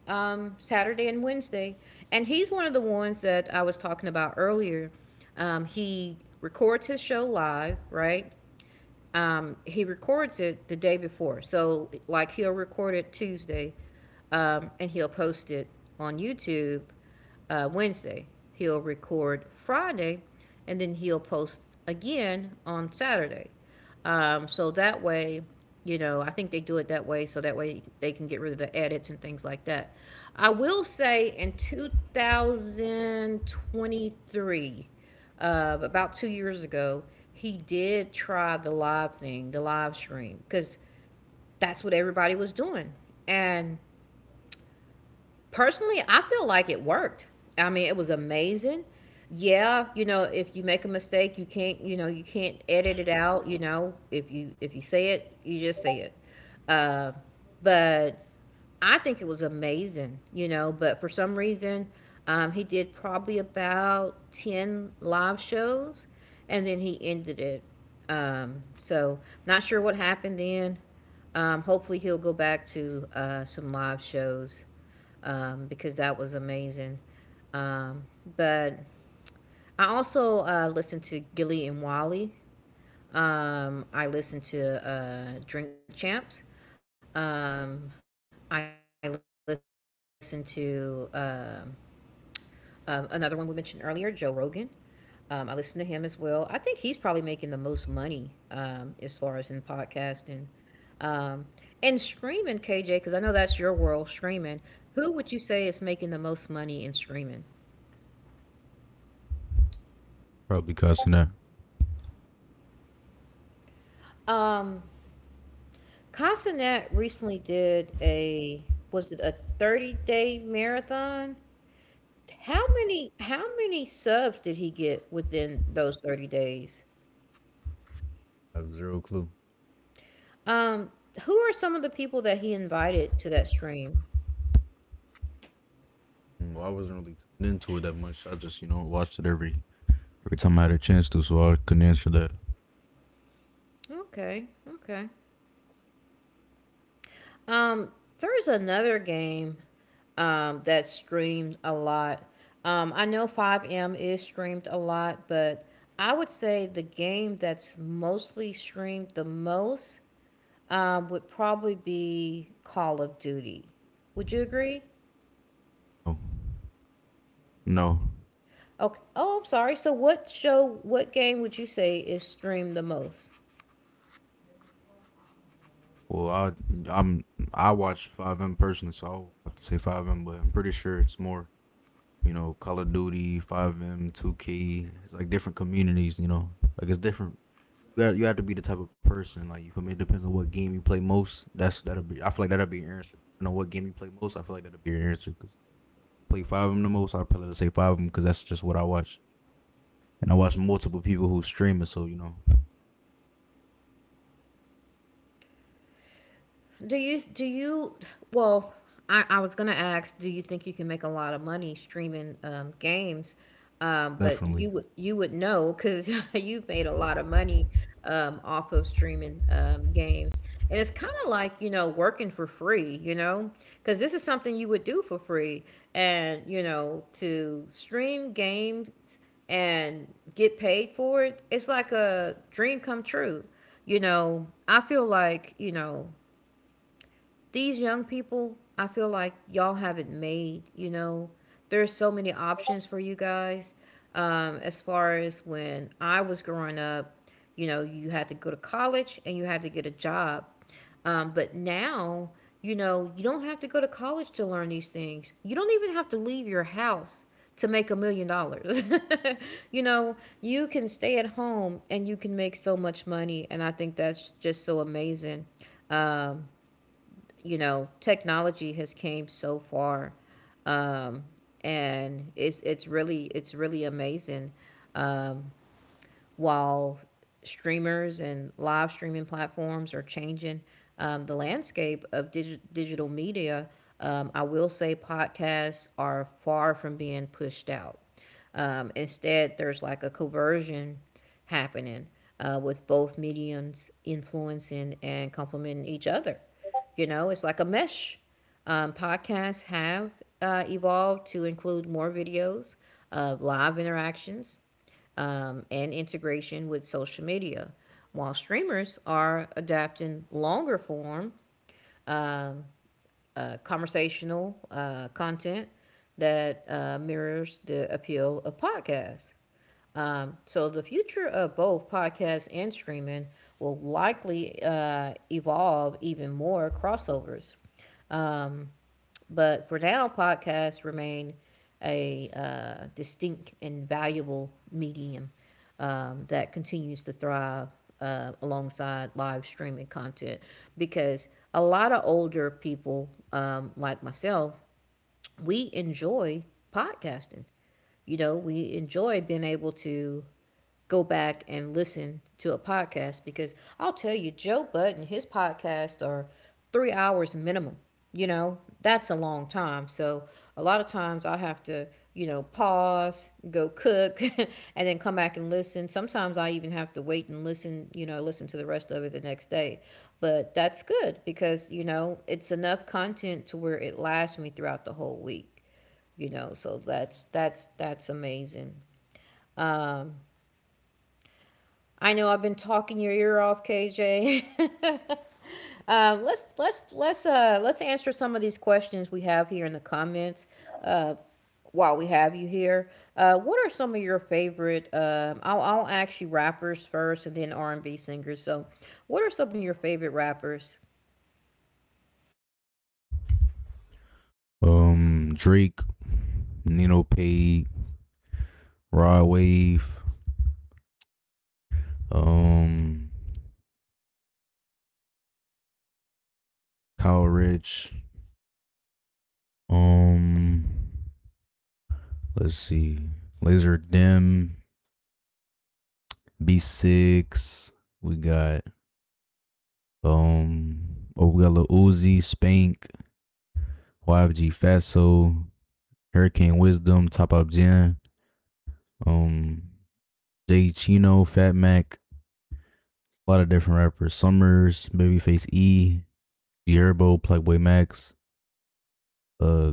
Speaker 1: Saturday and Wednesday. And he's one of the ones that I was talking about earlier. He records his show live, right? He records it the day before. So, like, he'll record it Tuesday and he'll post it on YouTube Wednesday. He'll record Friday and then he'll post again on Saturday. So that way, you know, I think they do it that way so that way they can get rid of the edits and things like that. I will say in 2023, about 2 years ago, he did try the live thing, the live stream, because that's what everybody was doing. And personally, I feel like it worked. I mean, it was amazing. Yeah, you know, if you make a mistake, you can't, you know, you can't edit it out, you know. If you say it, you just say it. Uh, but I think it was amazing, you know, but for some reason, he did probably about 10 live shows and then he ended it. So not sure what happened then. Hopefully he'll go back to some live shows because that was amazing. Um, but I also listened to Gilly and Wally. I listened to Drink Champs. Um, I listened to another one we mentioned earlier, Joe Rogan. I listened to him as well. I think he's probably making the most money as far as in podcasting. Um, and streaming, KJ, because I know that's your world, streaming. Who would you say is making the most money in streaming?
Speaker 2: probably cussing that.
Speaker 1: Um, Casanet recently did a was it a 30-day marathon? How many subs did he get within those 30 days?
Speaker 2: I have zero clue.
Speaker 1: Um, who are some of the people that he invited to that stream?
Speaker 2: Mm. Well, I wasn't really tuned into it that much. I just you know watched it every time I had a chance to, so I couldn't answer that.
Speaker 1: Okay, okay. Um, there's another game that's streamed a lot. I know 5M is streamed a lot, but I would say the game that's mostly streamed the most would probably be Call of Duty. Would you agree?
Speaker 2: No, no.
Speaker 1: Okay. Oh, I'm sorry. So, what show, what game would you say is streamed the most?
Speaker 2: Well, I'm I watch Five M personally, so I'll have to say Five M, but I'm pretty sure it's more you know Call of Duty, Five M, 2K. It's like different communities. You know, like it's different. You have to be the type of person like you feel me. It depends on what game you play most. That'll be. I feel like that'll be your answer. You know what game you play most. I feel like that'll be your answer. Cause I play five of them the most. I probably say five of them because that's just what I watch. And I watch multiple people who stream it. So you know,
Speaker 1: Do you well, I was gonna ask, do you think you can make a lot of money streaming games? But
Speaker 2: definitely.
Speaker 1: you would know because [LAUGHS] you've made a lot of money off of streaming games, and it's kind of like you know working for free, you know, because this is something you would do for free, and you know to stream games and get paid for it, it's like a dream come true, you know, I feel like, you know, these young people, I feel like y'all have it made, you know. There are so many options for you guys. As far as when I was growing up, you know, you had to go to college and you had to get a job. But now, you know, you don't have to go to college to learn these things. You don't even have to leave your house to make $1 million. [LAUGHS] You know, you can stay at home and you can make so much money. And I think that's just so amazing. Um you know, technology has came so far, um, and it's really amazing. Um, while streamers and live streaming platforms are changing the landscape of digital media, I will say podcasts are far from being pushed out. Instead, there's like a conversion happening with both mediums influencing and complementing each other. You know, it's like a mesh. Podcasts have evolved to include more videos, live interactions, and integration with social media. While streamers are adapting longer form um, conversational content that mirrors the appeal of podcasts. So the future of both podcasts and streaming will likely evolve even more crossovers. Um, but for now, podcasts remain a distinct and valuable medium that continues to thrive alongside live streaming content because a lot of older people, like myself, we enjoy podcasting. You know, we enjoy being able to go back and listen to a podcast because I'll tell you, Joe Button, his podcasts are 3 hours minimum. You know, that's a long time. So a lot of times I have to, you know, pause, go cook, [LAUGHS] and then come back and listen. Sometimes I even have to wait and listen, you know, listen to the rest of it the next day. But that's good because, you know, it's enough content to where it lasts me throughout the whole week. You know, so that's amazing. Um, I know I've been talking your ear off, KJ. [LAUGHS] Let's answer some of these questions we have here in the comments. Uh, while we have you here, what are some of your favorite? I'll ask you rappers first, and then R and B singers. So, what are some of your favorite rappers?
Speaker 2: Drake, Nino Pay, Rod Wave, um, Kyle Rich, um, let's see, Laser Dim, B6. We got oh we got Lil Uzi, Spank, YFG Fatso, Hurricane Wisdom, Top Up Jen, um Jay Chino, Fat Mac, a lot of different rappers. Summers, Babyface E, Gerbo, Plugboy Max, uh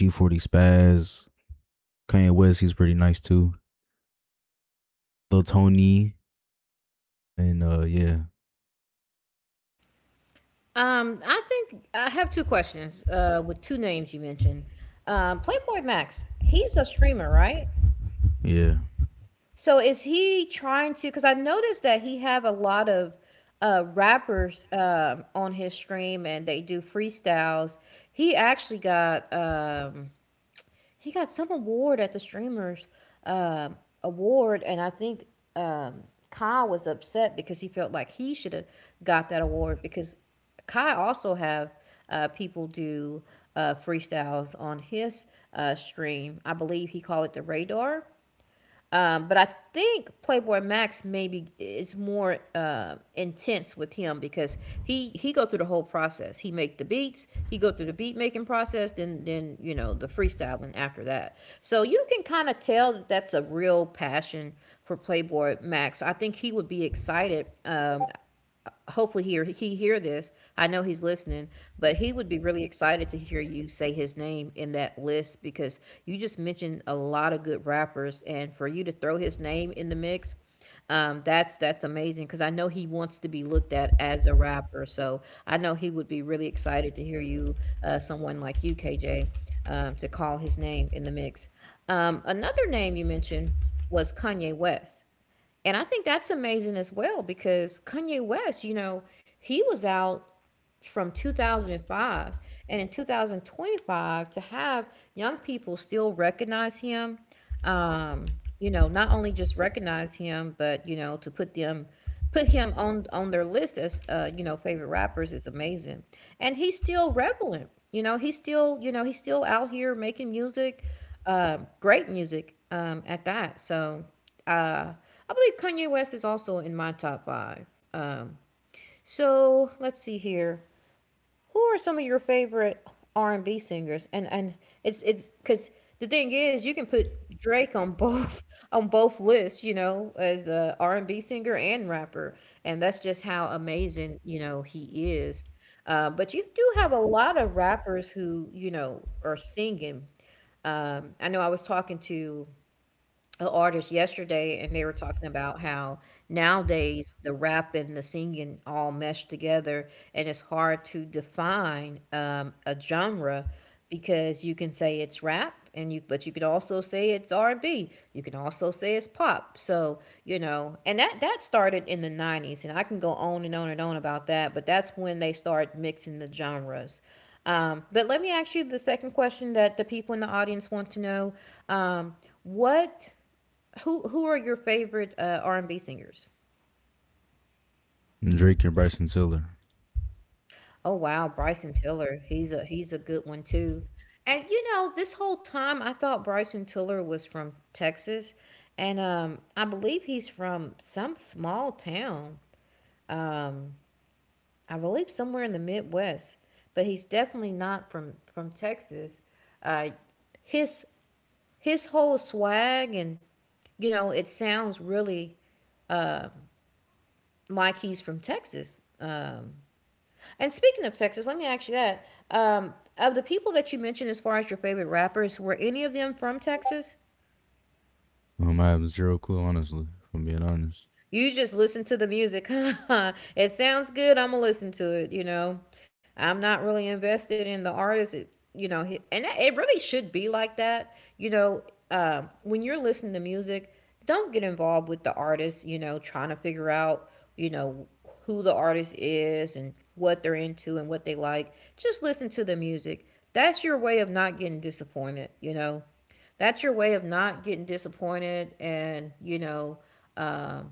Speaker 2: G40 Spaz, Kanye West, he's pretty nice too. Lil Tony and yeah.
Speaker 1: I think I have two questions with two names you mentioned. Playboy Max, he's a streamer, right?
Speaker 2: Yeah.
Speaker 1: So is he trying to? Because I noticed that he have a lot of rappers on his stream, and they do freestyles. He actually got he got some award at the streamers um, award, and I think um, Kai was upset because he felt like he should have got that award because Kai also have people do freestyles on his stream. I believe he called it the Radar, but I think Playboy Max maybe it's more intense with him because he go through the whole process. He make the beats, he go through the beat making process, then you know the freestyling after that. So you can kind of tell that that's a real passion for Playboy Max. I think he would be excited hopefully he hear this. I know he's listening, but he would be really excited to hear you say his name in that list because you just mentioned a lot of good rappers, and for you to throw his name in the mix, that's amazing because I know he wants to be looked at as a rapper. So I know he would be really excited to hear you, someone like you, KJ, to call his name in the mix. Another name you mentioned was Kanye West. And I think that's amazing as well because Kanye West, you know, he was out from 2005, and in 2025 to have young people still recognize him, um you know, not only just recognize him, but, you know, to put them put him on their list as you know, favorite rappers is amazing. And he's still relevant. You know, he's still, you know, he's still out here making music, great music, at that. So uh I believe Kanye West is also in my top five. Um, so let's see here, who are some of your favorite R and B singers? And it's because the thing is, you can put Drake on both [LAUGHS] on both lists, you know, as a R and B singer and rapper, and that's just how amazing, you know, he is. But you do have a lot of rappers who, you know, are singing. I know I was talking to a artist yesterday, and they were talking about how nowadays the rap and the singing all mesh together, and it's hard to define a genre, because you can say it's rap and you could also say it's R&B. You can also say it's pop. So, you know, and that started in the 90s, and I can go on and on and on about that, but that's when they start mixing the genres. But let me ask you the second question that the people in the audience want to know. Um, what Who are your favorite R&B singers?
Speaker 2: Drake and Bryson Tiller.
Speaker 1: Oh wow, Bryson Tiller. He's a good one too. And you know, this whole time I thought Bryson Tiller was from Texas, and I believe he's from some small town. Um, I believe somewhere in the Midwest, but he's definitely not from Texas. Uh, his his whole swag and, you know, it sounds really like he's from Texas. And speaking of Texas, let me ask you that. Of the people that you mentioned as far as your favorite rappers, were any of them from Texas?
Speaker 2: I have zero clue honestly, if I'm being honest.
Speaker 1: You just listen to the music. [LAUGHS] It sounds good. I'm gonna listen to it. You know, I'm not really invested in the artist. You know, and it really should be like that. You know, when you're listening to music, don't get involved with the artist. You know, trying to figure out, you know, who the artist is and what they're into and what they like. Just listen to the music. That's your way of not getting disappointed. You know, that's your way of not getting disappointed, and um.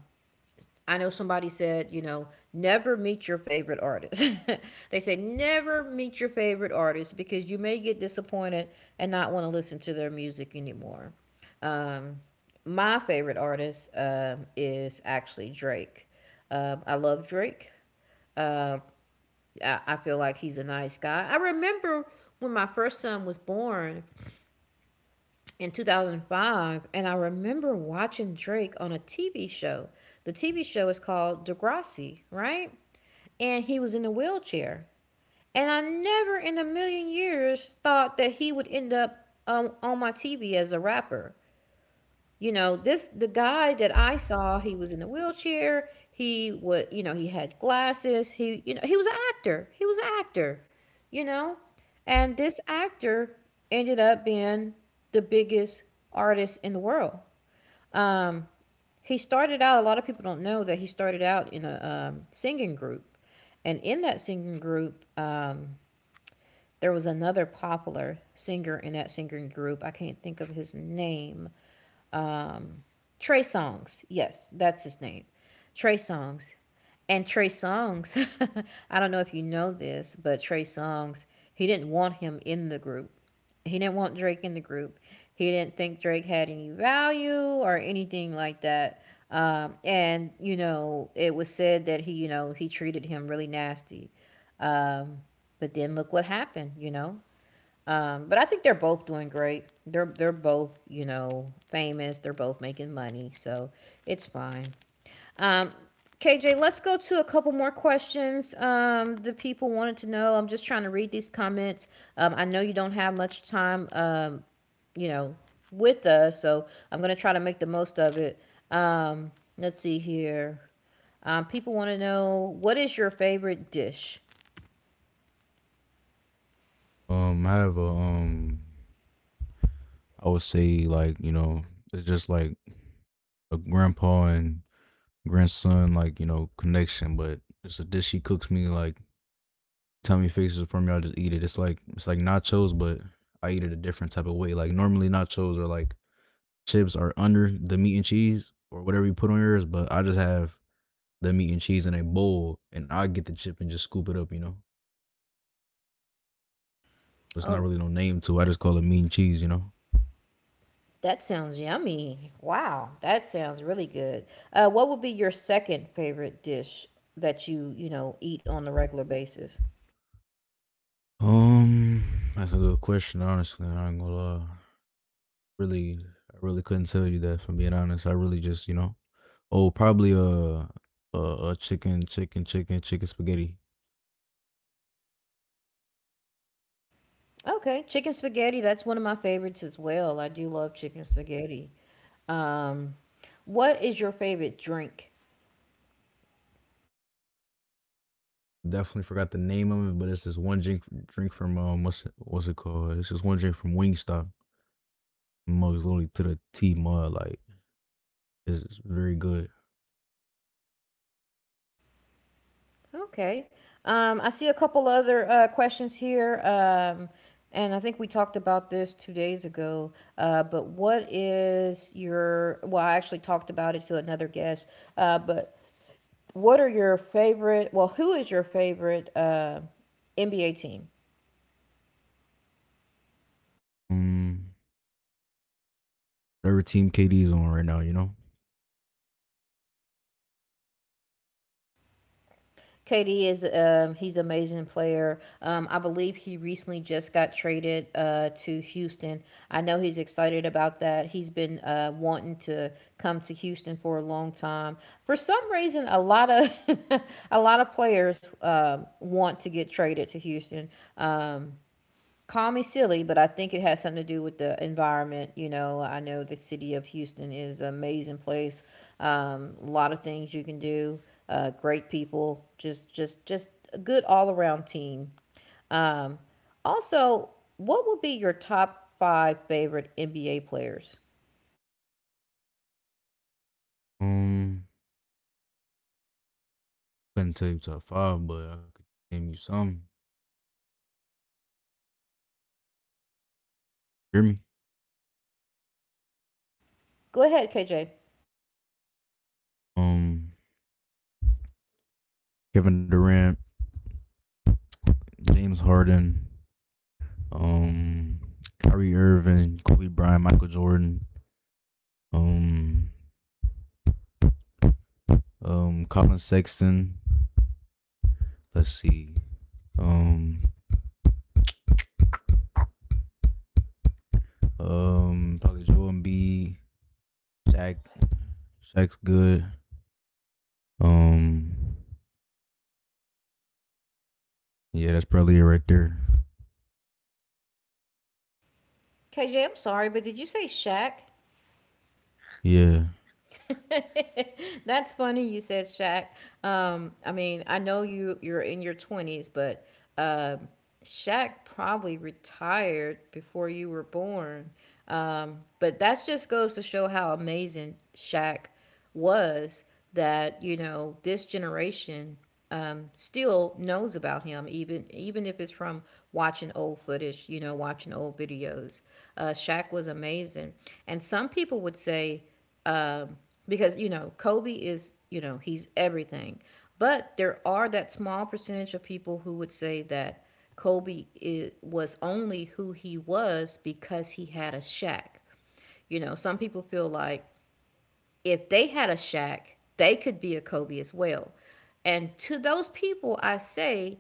Speaker 1: I know somebody said, you know, never meet your favorite artist. [LAUGHS] They say never meet your favorite artist because you may get disappointed and not want to listen to their music anymore. Um, my favorite artist is actually Drake. I love Drake. Uh, I feel like he's a nice guy. I remember when my first son was born in 2005, and I remember watching Drake on a TV show. The TV show is called Degrassi, right? And he was in a wheelchair. And I never in a million years thought that he would end up on my TV as a rapper. You know, this the guy that I saw, he was in a wheelchair. He was, you know, he had glasses. He, you know, he was an actor. He was an actor, you know. And this actor ended up being the biggest artist in the world. Um, he started out, a lot of people don't know that he started out in a singing group. And in that singing group, there was another popular singer in that singing group. I can't think of his name. Um, Trey Songz, yes, that's his name. Trey Songz, and Trey Songz. [LAUGHS] I don't know if you know this, but Trey Songz, he didn't want him in the group. He didn't want Drake in the group. He didn't think Drake had any value or anything like that. And, you know, it was said that he, you know, he treated him really nasty. Um, but then look what happened, you know. But I think they're both doing great. They're both, you know, famous. They're both making money, so it's fine. Um, KJ, let's go to a couple more questions. The people wanted to know. I'm just trying to read these comments. I know you don't have much time. You know, with us, so I'm gonna try to make the most of it. Um, let's see here. People want to know, what is your favorite dish?
Speaker 2: I have a I would say like you know, it's just like a grandpa and grandson like you know connection, but it's a dish she cooks me like tell tummy faces from me. I just eat it. It's like nachos, but I eat it a different type of way. Like normally nachos are like chips are under the meat and cheese or whatever you put on yours, but I just have the meat and cheese in a bowl, and I get the chip and just scoop it up. You know, it's not
Speaker 1: Oh,
Speaker 2: really no name to it. I just call it meat and cheese. You know.
Speaker 1: that sounds yummy. Wow, that sounds really good. What would be your second favorite dish that you know, eat on a regular basis?
Speaker 2: Um, that's a good question. Honestly, I ain't gonna lie. Really, I really couldn't tell you that. From being honest, I really just you know. Oh, probably a a chicken spaghetti.
Speaker 1: Okay, chicken spaghetti. That's one of my favorites as well. I do love chicken spaghetti. Um, what is your favorite drink?
Speaker 2: Definitely forgot the name of it, but it's this one drink from what's it called? It's this one drink from Wingstop. Mugs literally to the T mud like it's very good.
Speaker 1: Okay. I see a couple other questions here. And I think we talked about this 2 days ago. But what is your, well, I actually talked about it to another guest. But What are your favorite? Well, who is your favorite NBA team?
Speaker 2: Um, Whatever team KD's on right now, you know.
Speaker 1: KD is he's an amazing player. I believe he recently just got traded to Houston. I know he's excited about that. He's been wanting to come to Houston for a long time. For some reason, a lot of [LAUGHS] a lot of players want to get traded to Houston. Um, Call me silly, but I think it has something to do with the environment. You know, I know the city of Houston is an amazing place. A lot of things you can do. Great people. Just a good all around team. Um, Also, what would be your top five favorite NBA players?
Speaker 2: Um, couldn't tell you top five, but I could name you some. Hear me?
Speaker 1: Go ahead, KJ.
Speaker 2: Um, Kevin Durant, James Harden, um, Kyrie Irving, Kobe Bryant, Michael Jordan, um, Colin Sexton. Let's see, um, probably Joel Embiid, Shaq. Shaq's good. Um, yeah, that's probably it right there.
Speaker 1: KJ, I'm sorry, but did you say Shaq?
Speaker 2: Yeah,
Speaker 1: [LAUGHS] That's funny you said Shaq. I mean, I know you're in your 20s, but um Shaq probably retired before you were born. But that just goes to show how amazing Shaq was, that, you know, this generation still knows about him, even if it's from watching old footage, you know, watching old videos. Shaq was amazing, and some people would say, because you know Kobe is, you know, he's everything, but there are that small percentage of people who would say that Kobe I was only who he was because he had a Shaq. You know, some people feel like if they had a Shaq, they could be a Kobe as well. And to those people, I say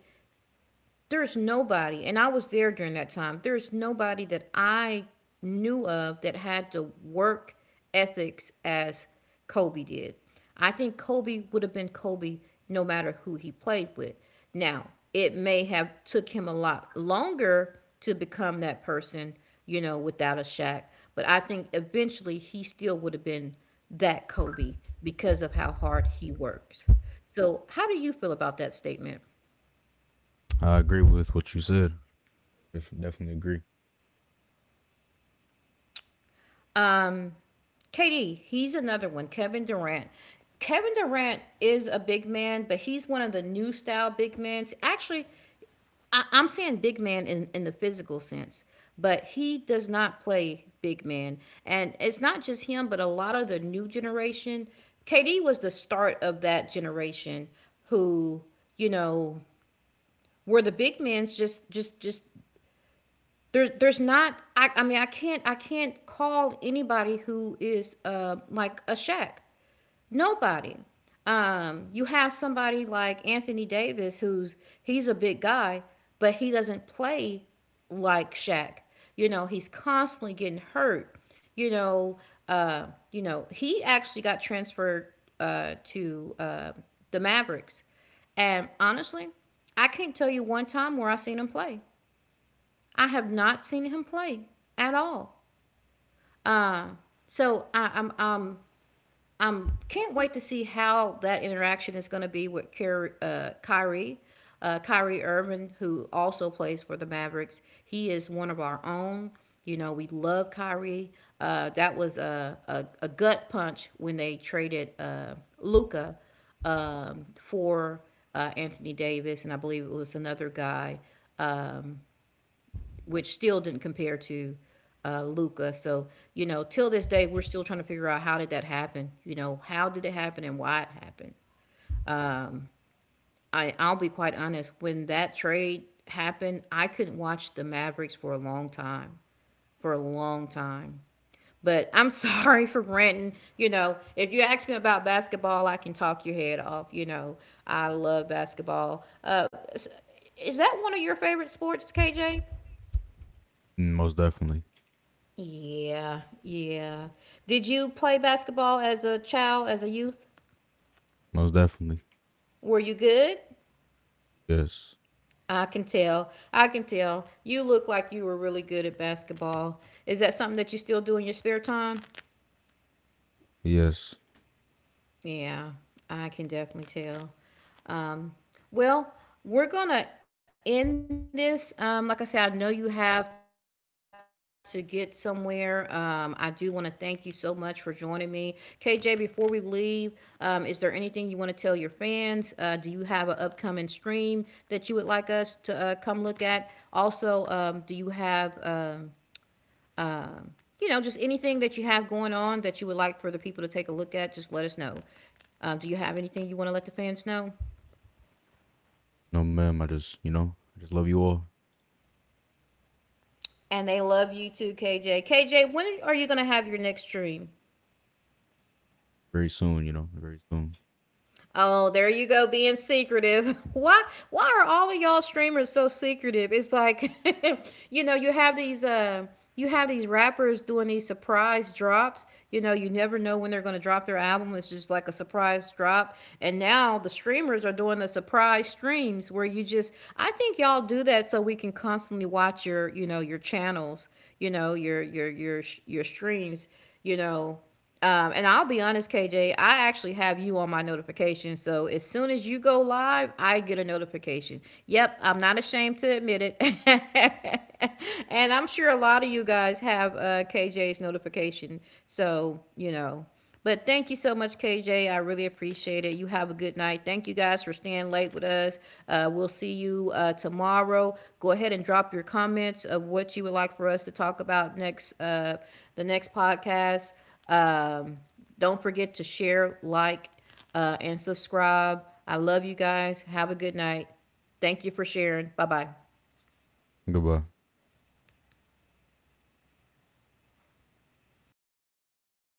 Speaker 1: there's nobody, and I was there during that time, there's nobody that I knew of that had the work ethics as Kobe did. I think Kobe would have been Kobe no matter who he played with. Now, it may have took him a lot longer to become that person, you know, without a Shaq, but I think eventually he still would have been that Kobe because of how hard he works. So, how do you feel about that statement?
Speaker 2: I agree with what you said. Definitely agree.
Speaker 1: KD, he's another one. Kevin Durant. Kevin Durant is a big man, but he's one of the new style big men. Actually, I'm saying big man in the physical sense, but he does not play big man. And it's not just him, but a lot of the new generation. KD was the start of that generation who, you know, were the big men's just there's not I mean I can't call anybody who is like a Shaq. Nobody. You have somebody like Anthony Davis, who's he's a big guy, but he doesn't play like Shaq. You know, he's constantly getting hurt. You know, he actually got transferred to the Mavericks, and honestly, I can't tell you one time where I've seen him play. I have not seen him play at all. Uh, so I, I'm I can't wait to see how that interaction is going to be with Kyrie Irving, who also plays for the Mavericks. He is one of our own. You know, we love Kyrie. That was a gut punch when they traded Luca for Anthony Davis, and I believe it was another guy, which still didn't compare to Luca. So you know, till this day, we're still trying to figure out how did that happen. You know, how did it happen and why it happened. I'll be quite honest, when that trade happened, I couldn't watch the Mavericks for a long time, for a long time. But I'm [LAUGHS] sorry for ranting. You know, if you ask me about basketball, I can talk your head off. You know, I love basketball. Is that one of your favorite sports, KJ?
Speaker 2: Most definitely.
Speaker 1: Yeah, yeah. Did you play basketball as a child, as a youth?
Speaker 2: Most definitely.
Speaker 1: Were you good?
Speaker 2: Yes.
Speaker 1: I can tell. I can tell. You look like you were really good at basketball. Is that something that you still do in your spare time?
Speaker 2: Yes.
Speaker 1: Yeah, I can definitely tell. Um, well, we're gonna end this. Like I said, I know you have to get somewhere. I do want to thank you so much for joining me, KJ. Before we leave, is there anything you want to tell your fans? Do you have an upcoming stream that you would like us to come look at? Also, do you have you know, just anything that you have going on that you would like for the people to take a look at, just let us know. Do you have anything you want to let the fans know?
Speaker 2: No, ma'am. I just, you know, I just love you all.
Speaker 1: And they love you too, KJ. KJ, when are you going to have your next stream?
Speaker 2: Very soon, you know, very soon.
Speaker 1: Oh, there you go, being secretive. [LAUGHS] Why are all of y'all streamers so secretive? It's like [LAUGHS] you know, you have these rappers doing these surprise drops. You know, you never know when they're going to drop their album. It's just like a surprise drop. And now the streamers are doing the surprise streams where you just I think y'all do that so we can constantly watch your, you know, your channels, you know, your streams, you know, and I'll be honest, KJ, I actually have you on my notification. So as soon as you go live, I get a notification. Yep, I'm not ashamed to admit it. [LAUGHS] And I'm sure a lot of you guys have KJ's notification. So, you know, but thank you so much, KJ. I really appreciate it. You have a good night. Thank you guys for staying late with us. We'll see you tomorrow. Go ahead and drop your comments of what you would like for us to talk about next, the next podcast. Um, don't forget to share, like, and subscribe. I love you guys. Have a good night. Thank you for sharing. Bye bye.
Speaker 2: Goodbye.